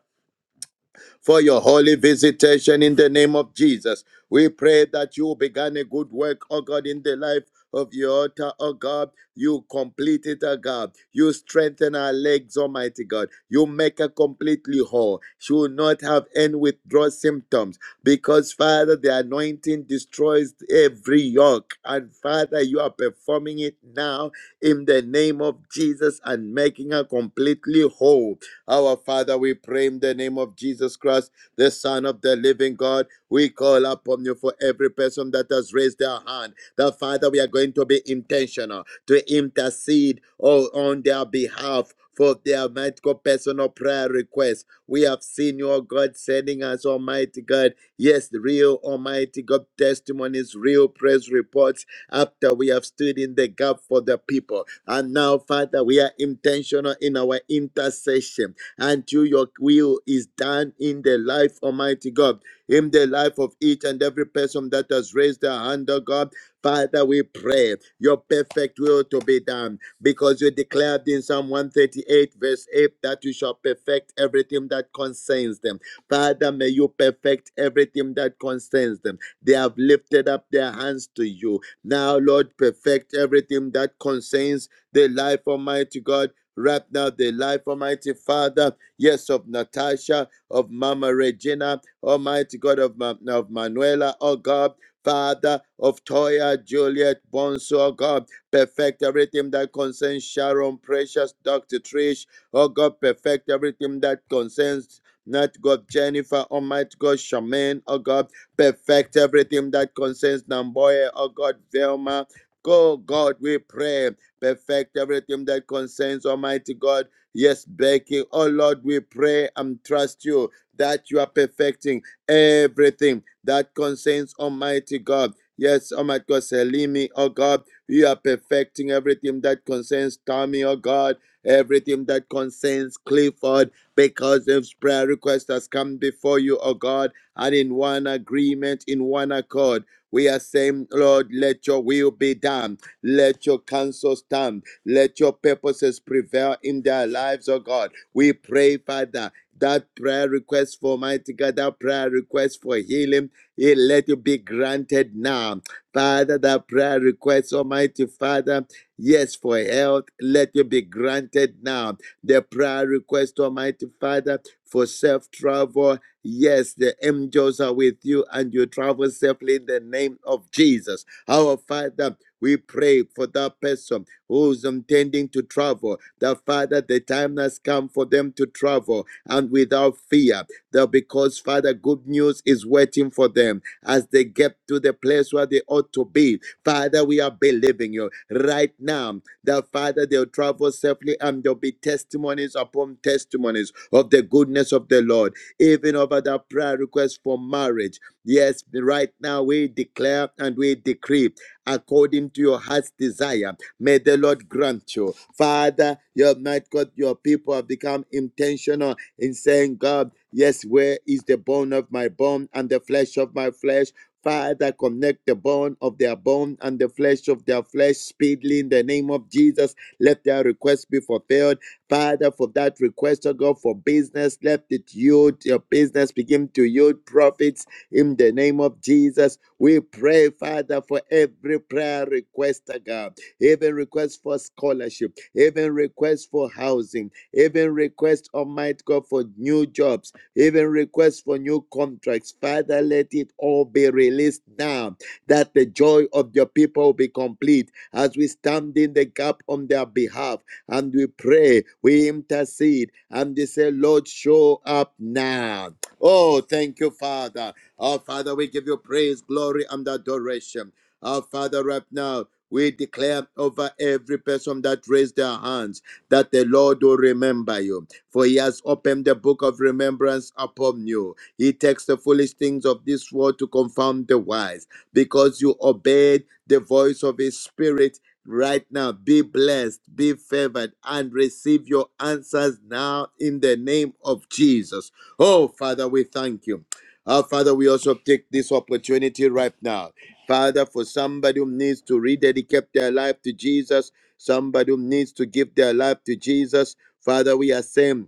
S5: for your holy visitation in the name of Jesus. We pray that you began a good work, oh God, in the life of your altar, oh God. You complete it, oh God. You strengthen our legs, Almighty God. You make her completely whole. She will not have any withdrawal symptoms because, Father, the anointing destroys every yoke. And, Father, you are performing it now in the name of Jesus and making her completely whole our Father, we pray in the name of Jesus Christ, the Son of the living God. We call upon you for every person that has raised their hand. That Father, we are going to be intentional to intercede oh, on their behalf. For their medical, personal prayer requests. We have seen your God sending us, Almighty God. Yes, real Almighty God testimonies, real praise reports after we have stood in the gap for the people. And now, Father, we are intentional in our intercession until your will is done in the life, Almighty God, in the life of each and every person that has raised their hand, oh God. Father, we pray your perfect will to be done because you declared in Psalm 138, verse 8, that you shall perfect everything that concerns them. Father, may you perfect everything that concerns them. They have lifted up their hands to you. Now, Lord, perfect everything that concerns the life, Almighty God Right now, the life, Almighty Father, yes, of Natasha, of Mama Regina, Almighty God of, Ma- of Manuela, oh God, Father of Toya, Juliet, Bonso, oh God, perfect everything that concerns Sharon, precious Dr. Trish, oh God, perfect everything that concerns. Not God, Jennifer, Almighty God, Shaman, oh God, perfect everything that concerns Namboya, oh God, Velma, Go, God, we pray perfect everything that concerns Almighty God. Yes, Becky, oh Lord, we pray and trust you that you are perfecting everything that concerns Almighty God. Yes, Almighty God, Selimi, oh God, you are perfecting everything that concerns Tommy, oh God, everything that concerns Clifford, because this prayer request has come before you, oh God, and in one agreement, in one accord, we are saying, Lord, let your will be done let your counsel stand. Let your purposes prevail in their lives, oh God. We pray, Father, that prayer request for mighty God, that prayer request for healing, it let it be granted now. Father, that prayer request, Almighty Father, yes, for health, let it be granted now. The prayer request, Almighty Father, for safe travel, yes, the angels are with you and you travel safely in the name of Jesus. Our Father, we pray for that person who's intending to travel, that Father, the time has come for them to travel and without fear, that because, Father, good news is waiting for them as they get to the place where they ought to be. Father, we are believing you right now that, Father, they'll travel safely and there'll be testimonies upon testimonies of the goodness of the Lord, even over that prayer request for marriage. Yes, right now we declare and we decree according to your heart's desire. May the Lord grant you. Father, You have not got your people have become intentional in saying, God, yes, where is the bone of my bone and the flesh of my flesh? Father, connect the bone of their bone and the flesh of their flesh speedily in the name of Jesus. Let their request be fulfilled. Father, for that request, oh God, for business, let it yield your business, begin to yield profits in the name of Jesus, we pray, Father, for every prayer request, uh, God, even request for scholarship, even request for housing, even request, Almighty God, for new jobs, even request for new contracts. Father, let it all be released now that the joy of your people be complete as we stand in the gap on their behalf and we pray, we intercede, and they say, Lord, show up now. Oh, thank you, Father. Our Father, we give you praise, glory, and adoration. Our Father, right now, we declare over every person that raised their hands that the Lord will remember you. For he has opened the book of remembrance upon you. He takes the foolish things of this world to confound the wise. Because you obeyed the voice of his spirit right now, be blessed, be favored, and receive your answers now in the name of Jesus. Oh, Father, we thank you. Our Father, we also take this opportunity right now. Father, for somebody who needs to rededicate their life to Jesus, somebody who needs to give their life to Jesus, Father, we are same.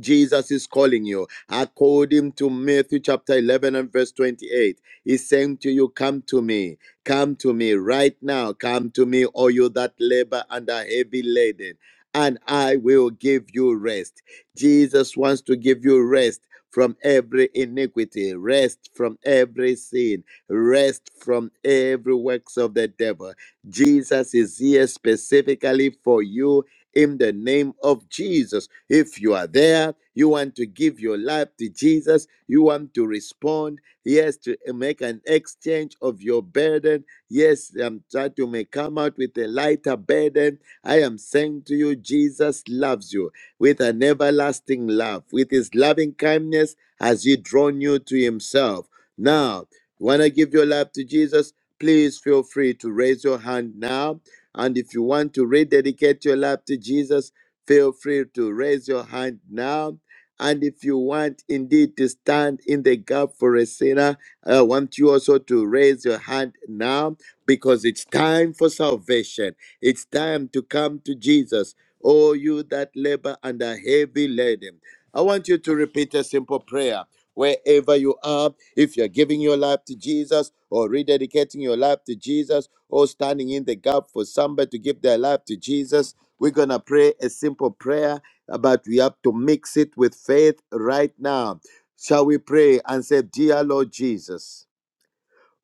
S5: Jesus is calling you. According to Matthew chapter 11 and verse 28, he's saying to you, Come to me, come to me right now, come to me, all you that labor and are heavy laden, and I will give you rest. Jesus wants to give you rest. From every iniquity, rest from every sin, rest from every works of the devil. Jesus is here specifically for you in the name of Jesus. If you are there, you want to give your life to Jesus, you want to respond, yes, to make an exchange of your burden. Yes, I'm trying to may come out with a lighter burden. I am saying to you, Jesus loves you with an everlasting love, with his loving kindness has he drawn you to himself. Now, want to give your life to Jesus? Please feel free to raise your hand now and if you want to rededicate your life to Jesus, feel free to raise your hand now. And if you want indeed to stand in the gap for a sinner, I want you also to raise your hand now because it's time for salvation. It's time to come to Jesus. Oh, you that labor and are heavy laden. I want you to repeat a simple prayer wherever you are, if you're giving your life to Jesus or rededicating your life to Jesus or standing in the gap for somebody to give their life to Jesus, we're going to pray a simple prayer, uh, but we have to mix it with faith right now. Shall we pray and say, Dear Lord Jesus,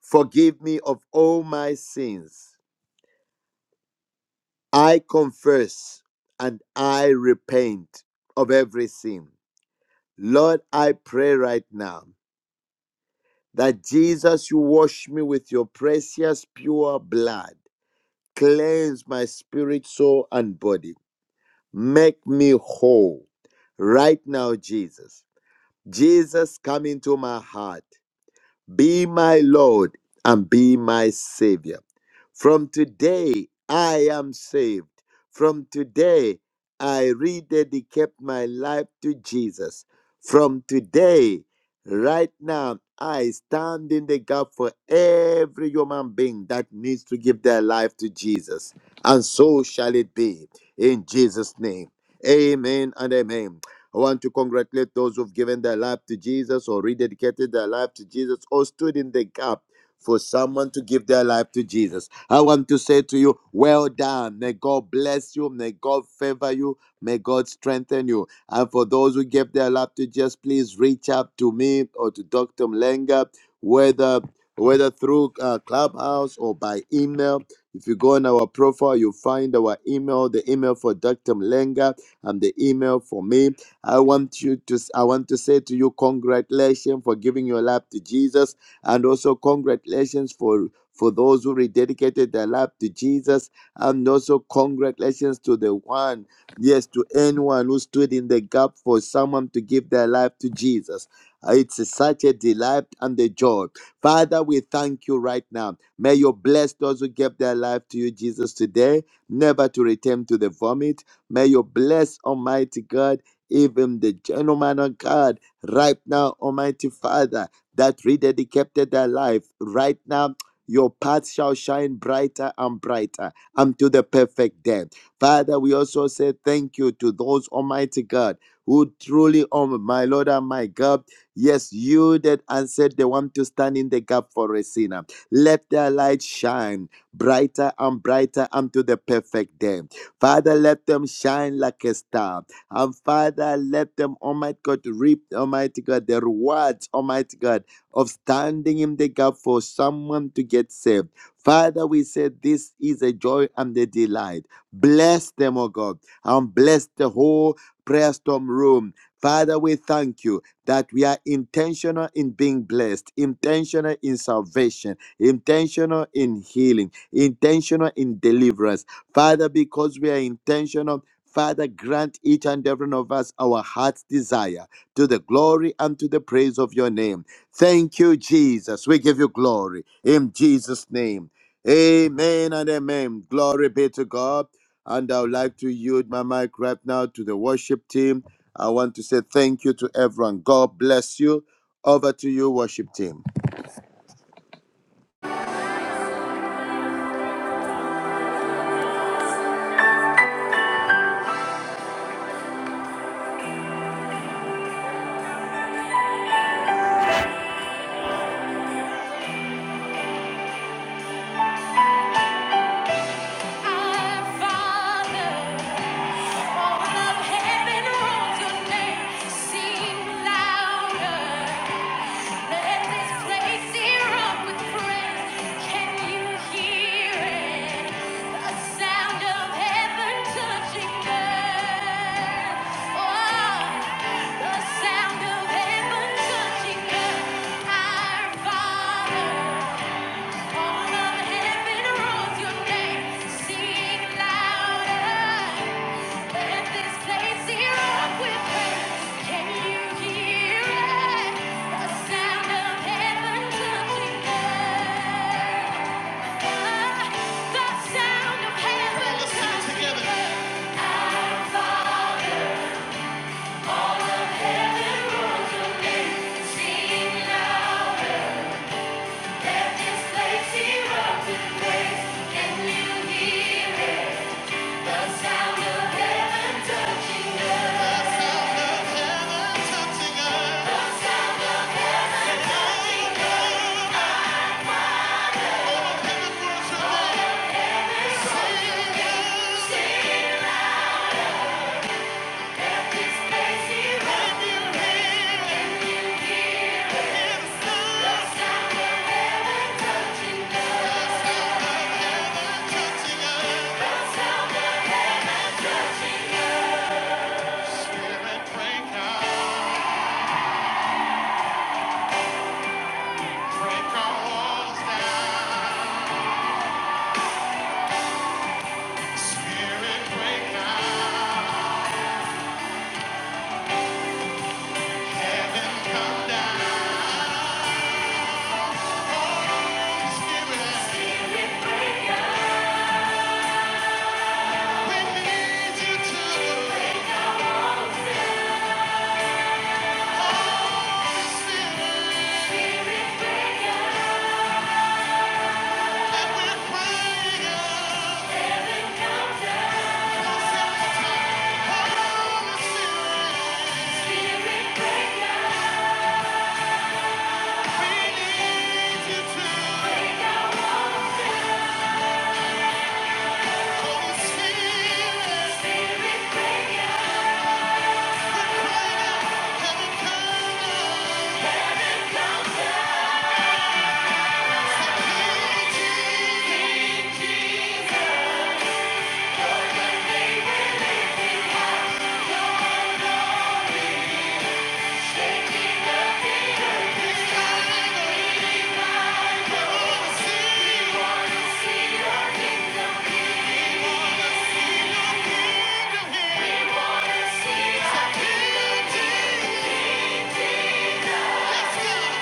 S5: forgive me of all my sins. I confess and I repent of every sin. Lord, I pray right now. that Jesus, you wash me with your precious, pure blood. Cleanse my spirit, soul, and body. Make me whole. Right now, Jesus. Jesus, come into my heart. Be my Lord and be my Savior. From today, I am saved. From today, I rededicate my life to Jesus. From today, right now, I stand in the gap for every human being that needs to give their life to Jesus. And so shall it be in Jesus' name. Amen and amen. I want to congratulate those who've given their life to Jesus or rededicated their life to Jesus or stood in the gap for someone to give their life to Jesus. I want to say to you, well done. May God bless you. May God favor you. May God strengthen you. And for those who gave their life to Jesus, please reach out to me or to Dr. Mlenga, whether whether through uh, Clubhouse or by email. If you go on our profile, you'll find our email, the email for Dr. Mlenga and the email for me. I want you to I want to say to you congratulations for giving your life to Jesus and also congratulations for for those who rededicated their life to Jesus and also congratulations to the one yes to anyone who stood in the gap for someone to give their life to Jesus. Uh, It's such a delight and a joy. Father, we thank you right now. May you bless those who gave their life to you, Jesus, today, never to return to the vomit. May you bless Almighty God even the gentleman of God, right now, Almighty Father, that rededicated their life, right now, your path shall shine brighter and brighter unto the perfect day. Father, we also say thank you to those, Almighty God, who truly, oh my Lord and my God, yes, yielded and said they want to stand in the gap for a sinner. Let their light shine brighter and brighter unto the perfect day. Father, let them shine like a star and Father, let them, Almighty God, reap, Almighty God, the rewards, Almighty God, of standing in the gap for someone to get saved. Father, we said this is a joy and a delight. Bless them, oh God, and bless the whole prayer storm room. Father, we thank you that we are intentional in being blessed, intentional in salvation, intentional in healing, intentional in deliverance. Father, because we are intentional Father, grant each and every one of us our heart's desire to the glory and to the praise of your name. Thank you, Jesus. We give you glory in Jesus' name. Amen and amen. Glory be to God. And I would like to yield my mic right now to the worship team. I want to say thank you to everyone. God bless you. Over to you, worship team.
S1: Father. The Sound of heaven touching earth, our Father. Sing loud, let this place erupt with praise. Can you hear it? Come down, Spirit, we need you to Let's go!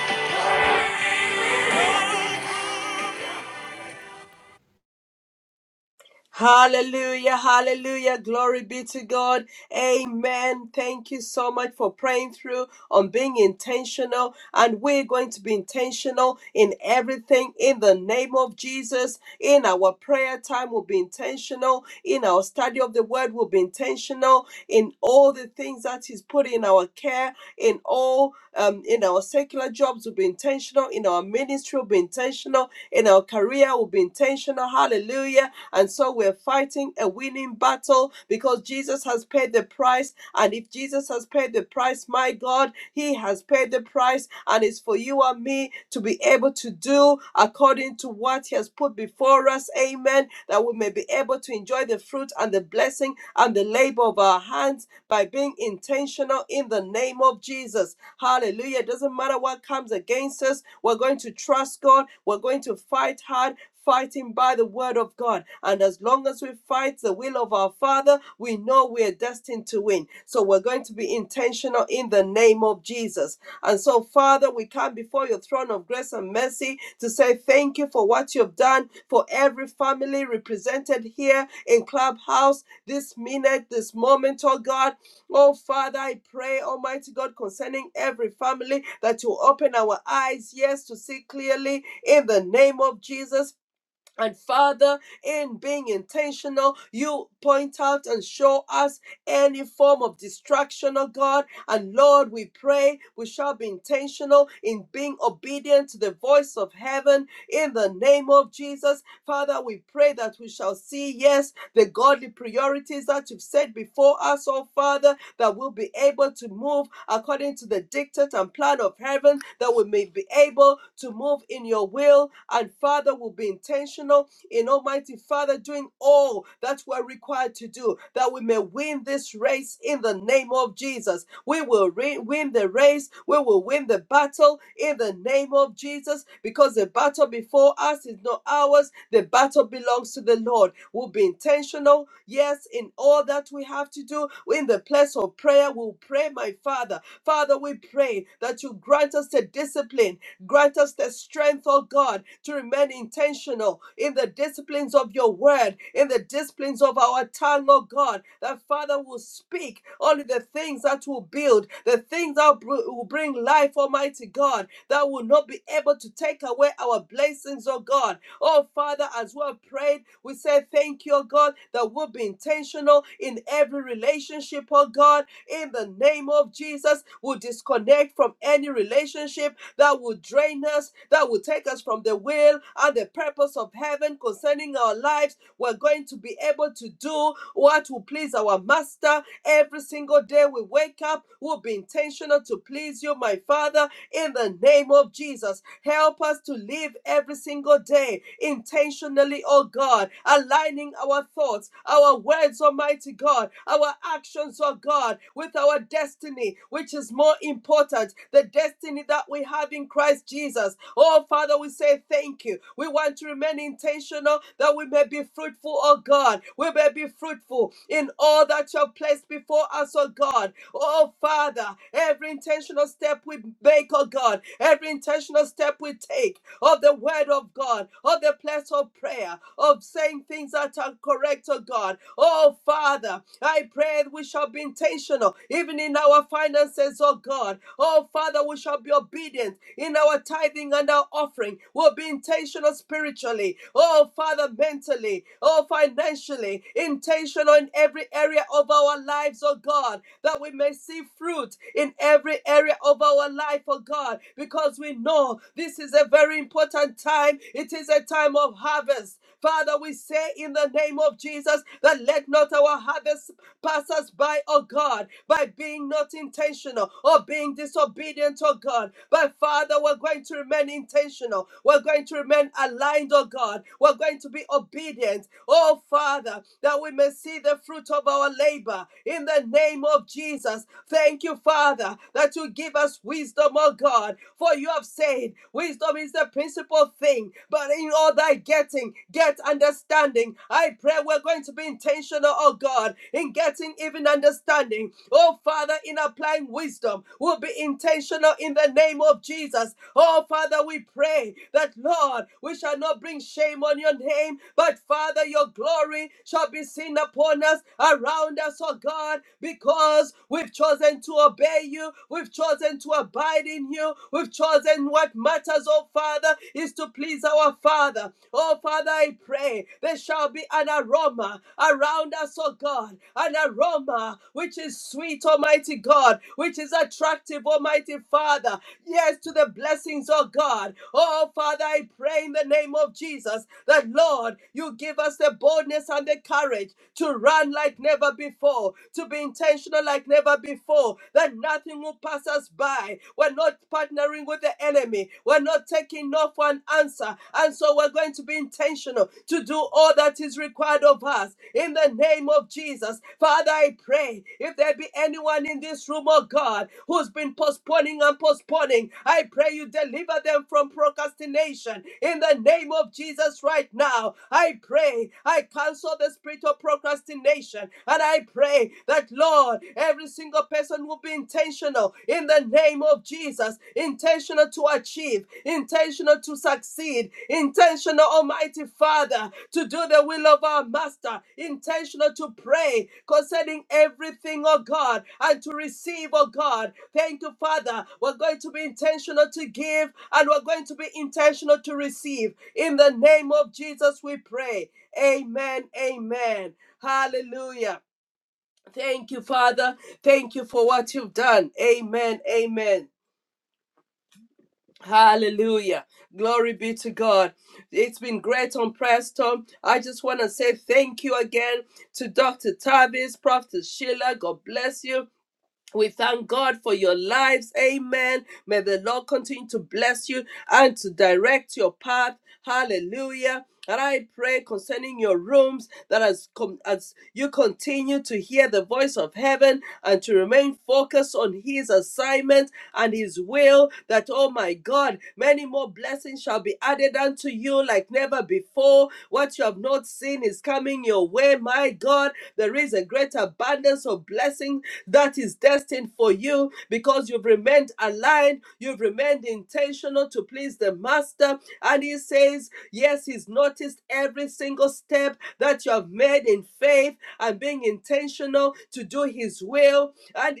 S2: Hallelujah, hallelujah. Glory be to God. Amen. Thank you so much for praying through on being intentional. And we're going to be intentional in everything in the name of Jesus. In our prayer time, we'll be intentional. In our study of the word, we'll be intentional. In all the things that He's put in our care, in all, um, in our secular jobs, we'll be intentional. In our ministry, we'll be intentional. In our career, we'll be intentional. Hallelujah and so we're fighting a winning battle because Jesus has paid the price. And if Jesus has paid the price, my God, He has paid the price. And it's for you and me to be able to do according to what He has put before us. Amen. That we may be able to enjoy the fruit and the blessing and the labor of our hands by being intentional in the name of Jesus. Hallelujah. It doesn't matter what comes against us, we're going to trust God. We're going to fight hard fighting by the word of God. And as long as we fight the will of our Father, we know we are destined to win. So we're going to be intentional in the name of Jesus. And so, Father, we come before your throne of grace and mercy to say thank you for what you've done for every family represented here in Clubhouse this minute, this moment, oh God. Oh, Father, I pray, Almighty God, concerning every family that you open our eyes, yes, to see clearly in the name of Jesus and Father, in being intentional, you point out and show us any form of distraction, oh God. And Lord, we pray we shall be intentional in being obedient to the voice of heaven in the name of Jesus. Father, we pray that we shall see, yes, the godly priorities that you've set before us, oh Father that we'll be able to move according to the dictate and plan of heaven, that we may be able to move in your will. And Father, we'll be intentional in Almighty Father, doing all that we're required to do, that we may win this race in the name of Jesus. We will re- win the race, we will win the battle in the name of Jesus, because the battle before us is not ours, the battle belongs to the Lord. We'll be intentional, yes, in all that we have to do. In the place of prayer, we'll pray, my Father Father, we pray that you grant us the discipline, grant us the strength, oh God, to remain intentional in the disciplines of your word, in the disciplines of our tongue, oh God, that Father will speak only the things that will build, the things that will bring life, Almighty God, that will not be able to take away our blessings, oh God. Oh Father, as we have prayed, we say thank you, oh God, that we'll be intentional in every every relationship, oh God, in the name of Jesus. We'll disconnect from any relationship that will drain us, that will take us from the will and the purpose of heaven concerning our lives. We're going to be able to do what will please our Master every single day we wake up. We'll be intentional to please you, my Father, in the name of Jesus. Help us to live every single day intentionally, oh God God, aligning our thoughts, our words, Almighty God, our actions, oh God, with our destiny, which is more important, the destiny that we have in Christ Jesus. Oh, Father, we say thank you. We want to remain intentional that we may be fruitful, oh God. We may be fruitful in all that you have placed before us, oh God. Oh, Father, every intentional step we make, oh God, every intentional step we take, of the word of God, of the place of prayer, of saying things that are correct, oh God. Oh Father, I pray we shall be intentional, even in our finances, oh God. Oh Father, we shall be obedient in our tithing and our offering. We'll be intentional spiritually, oh Father, mentally, oh financially, intentional in every area of our lives, oh God, that we may see fruit in every area of our life, oh God. God, because we know this is a very important time. It is a time of harvest. Father, we say in the name of Jesus that let not our harvest pass us by, oh God, by being not intentional or being disobedient, oh God. But Father, we're going to remain intentional. We're going to remain aligned, oh God. We're going to be obedient, oh Father, that we may see the fruit of our labor in the name of Jesus. Thank you, Father. Father, that you give us wisdom, O God. For you have said, wisdom is the principal thing, but in all thy getting, get understanding. I pray we're going to be intentional, oh God, in getting even understanding. Oh Father, in applying wisdom, we'll be intentional in the name of Jesus. Oh Father, we pray that, Lord, we shall not bring shame on your name, but Father, your glory shall be seen upon us, around us, oh God, because we've chosen to obey you, we've chosen to abide in you, we've chosen what matters, oh Father, is to please our Father. Oh Father, I pray there shall be an aroma around us, oh God, an aroma which is sweet, Almighty God, which is attractive, Almighty Father, yes, to the blessings, oh God. Oh Father, I pray in the name of Jesus that, Lord, you give us the boldness and the courage to to run like never before, to be intentional like never before, that nothing will pass us by. We're not partnering with the enemy, we're not taking no for an answer. And so we're going to be intentional to do all that is required of us in the name of Jesus. Father, I pray if there be anyone in this room, oh God, who's been postponing and postponing, I pray you deliver them from procrastination in the name of Jesus right now. I pray, I cancel the spirit of procrastination and I pray that, Lord, every single person will be intentional in the name of Jesus, intentional to achieve, intentional to succeed, intentional, Almighty Father, to do the will of our Master, intentional to pray concerning everything, oh God, and to receive, oh God. Thank you, Father. We're going to be intentional to give and we're going to be intentional to receive. In the name of Jesus, we pray. Amen. Amen. Hallelujah. Thank you, Father. Thank you for what you've done. Amen. Amen. Hallelujah. Glory be to God. It's been great on Preston. I just want to say thank you again to Dr. Tavis, Prophet Sheila. God bless you. We thank God for your lives. Amen. May the Lord continue to bless you and to direct your path. Hallelujah. And I pray concerning your rooms that as, com- as you continue to hear the voice of heaven and to remain focused on his assignment and his will, that, oh my God, many more blessings shall be added unto you like never before. What you have not seen is is coming your way. My God, there is a great abundance of blessing that is destined for you because you've remained aligned, you've remained intentional to please the Master. And He says, Yes, He's noticed every single step that you have made in faith and being intentional to do His will. And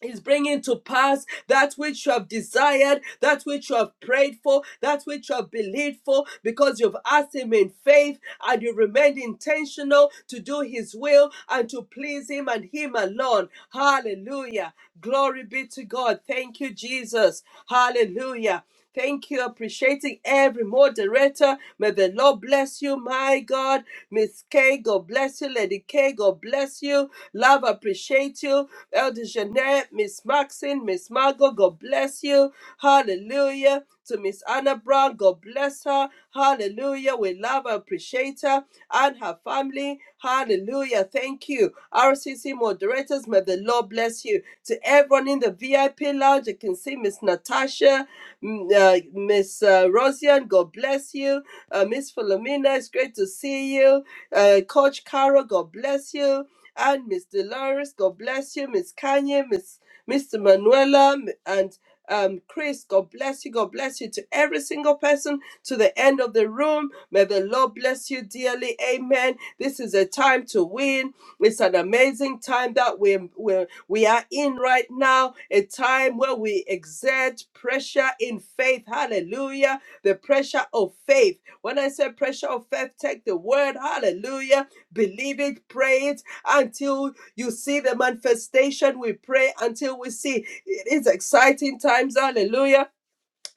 S2: is bringing to pass that which you have desired, that which you have prayed for, that which you have believed for, because you've asked Him in faith and you remained intentional to do His will and to please Him and Him alone. Hallelujah. Glory be to God. Thank you, Jesus. Hallelujah. Thank you. Appreciating every moderator. May the Lord bless you, my God. Miss K, God bless you. Lady K, God bless you. Love, appreciate you. Elder Jeanette, Miss Maxine, Miss Margot, God bless you. Hallelujah. To Miss Anna Brown, God bless her. Hallelujah. We love and appreciate her and her family. Hallelujah. Thank you. RCC moderators, may the Lord bless you. To everyone in the VIP lounge, you can see Miss Natasha. M- Uh, Miss uh, Rosian, God bless you. Uh, Miss Philomena, it's great to see you. Uh, Coach Carol, God bless you. And Miss Dolores, God bless you. Miss Kanye, Miss Mr. Manuela, m- and um, Chris, God bless you. God bless you to every single person to the end of the room. May the Lord bless you dearly. Amen. This is a time to win. It's an amazing time that we're, we're we are in right now a time where we exert pressure in faith. Hallelujah. The pressure of faith. When I say pressure of faith, take the word. Hallelujah. Believe it, pray it until you see the manifestation. We pray until we see. It is exciting times. Hallelujah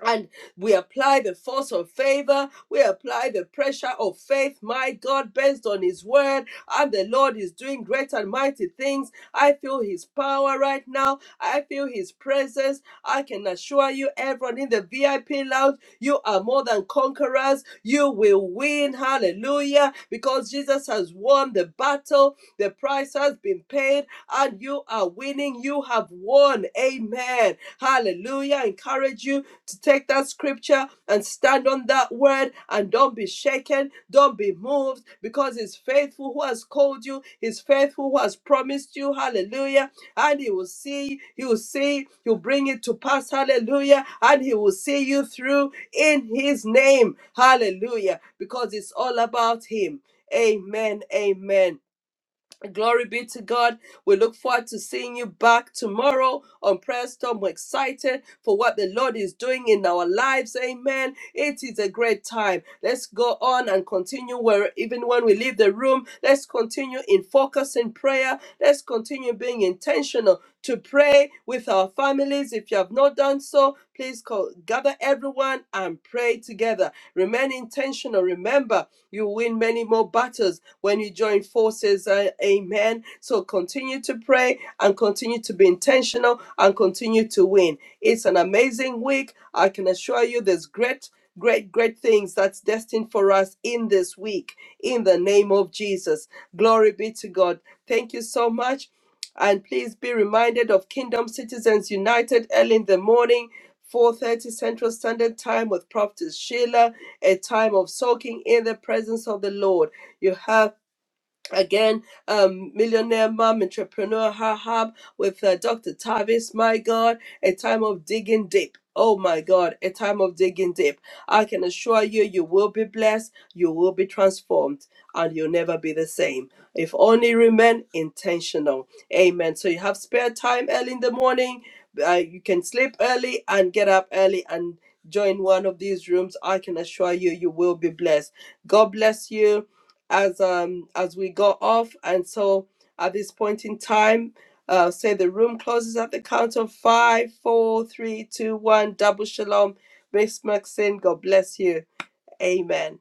S2: and we apply the force of favor. We apply the pressure of faith. My God, based on His word, and the Lord is doing great and mighty things. I feel His power right now. I feel His presence. I can assure you, everyone in the VIP lounge, you are more than conquerors. You will win. Hallelujah. Because Jesus has won the battle. The price has been paid, and you are winning. You have won. Amen. Hallelujah. I encourage you to take that scripture and stand on that word and don't be shaken, don't be moved, because He's faithful who has called you, He's faithful who has promised you. Hallelujah. And He will see, He will see, He'll bring it to pass. Hallelujah. And He will see you through in His name. Hallelujah. Because it's all about Him. Amen. Amen. Glory be to God. We look forward to seeing you back tomorrow on Prayer Storm. We're excited for what the Lord is doing in our lives. Amen. It is a great time. Let's go on and continue where even when we leave the room, let's continue in focus in prayer. Let's continue being intentional to pray with our families. If you have not done so, please call, gather everyone and pray together. Remain intentional. Remember, you win many more battles when you join forces. Uh, amen. So continue to pray and continue to be intentional and continue to win. It's an amazing week. I can assure you there's great. Great, great things that's destined for us in this week in the name of Jesus. Glory be to God. Thank you so much. And please be reminded of Kingdom Citizens United early in the morning 4:30 Central Standard Time with Prophetess Sheila, a time of soaking in the presence of the Lord. You have again um millionaire mom entrepreneur her hub with uh, dr tavis my god a time of digging deep oh my god a time of digging deep i can assure you you will be blessed you will be transformed and you'll never be the same if only remain intentional amen so you have spare time early in the morning uh, you can sleep early and get up early and join one of these rooms i can assure you you will be blessed god bless you as um as we got off and so at this point in time uh say the room closes at the count of five four three two one double shalom miss maxine god bless you amen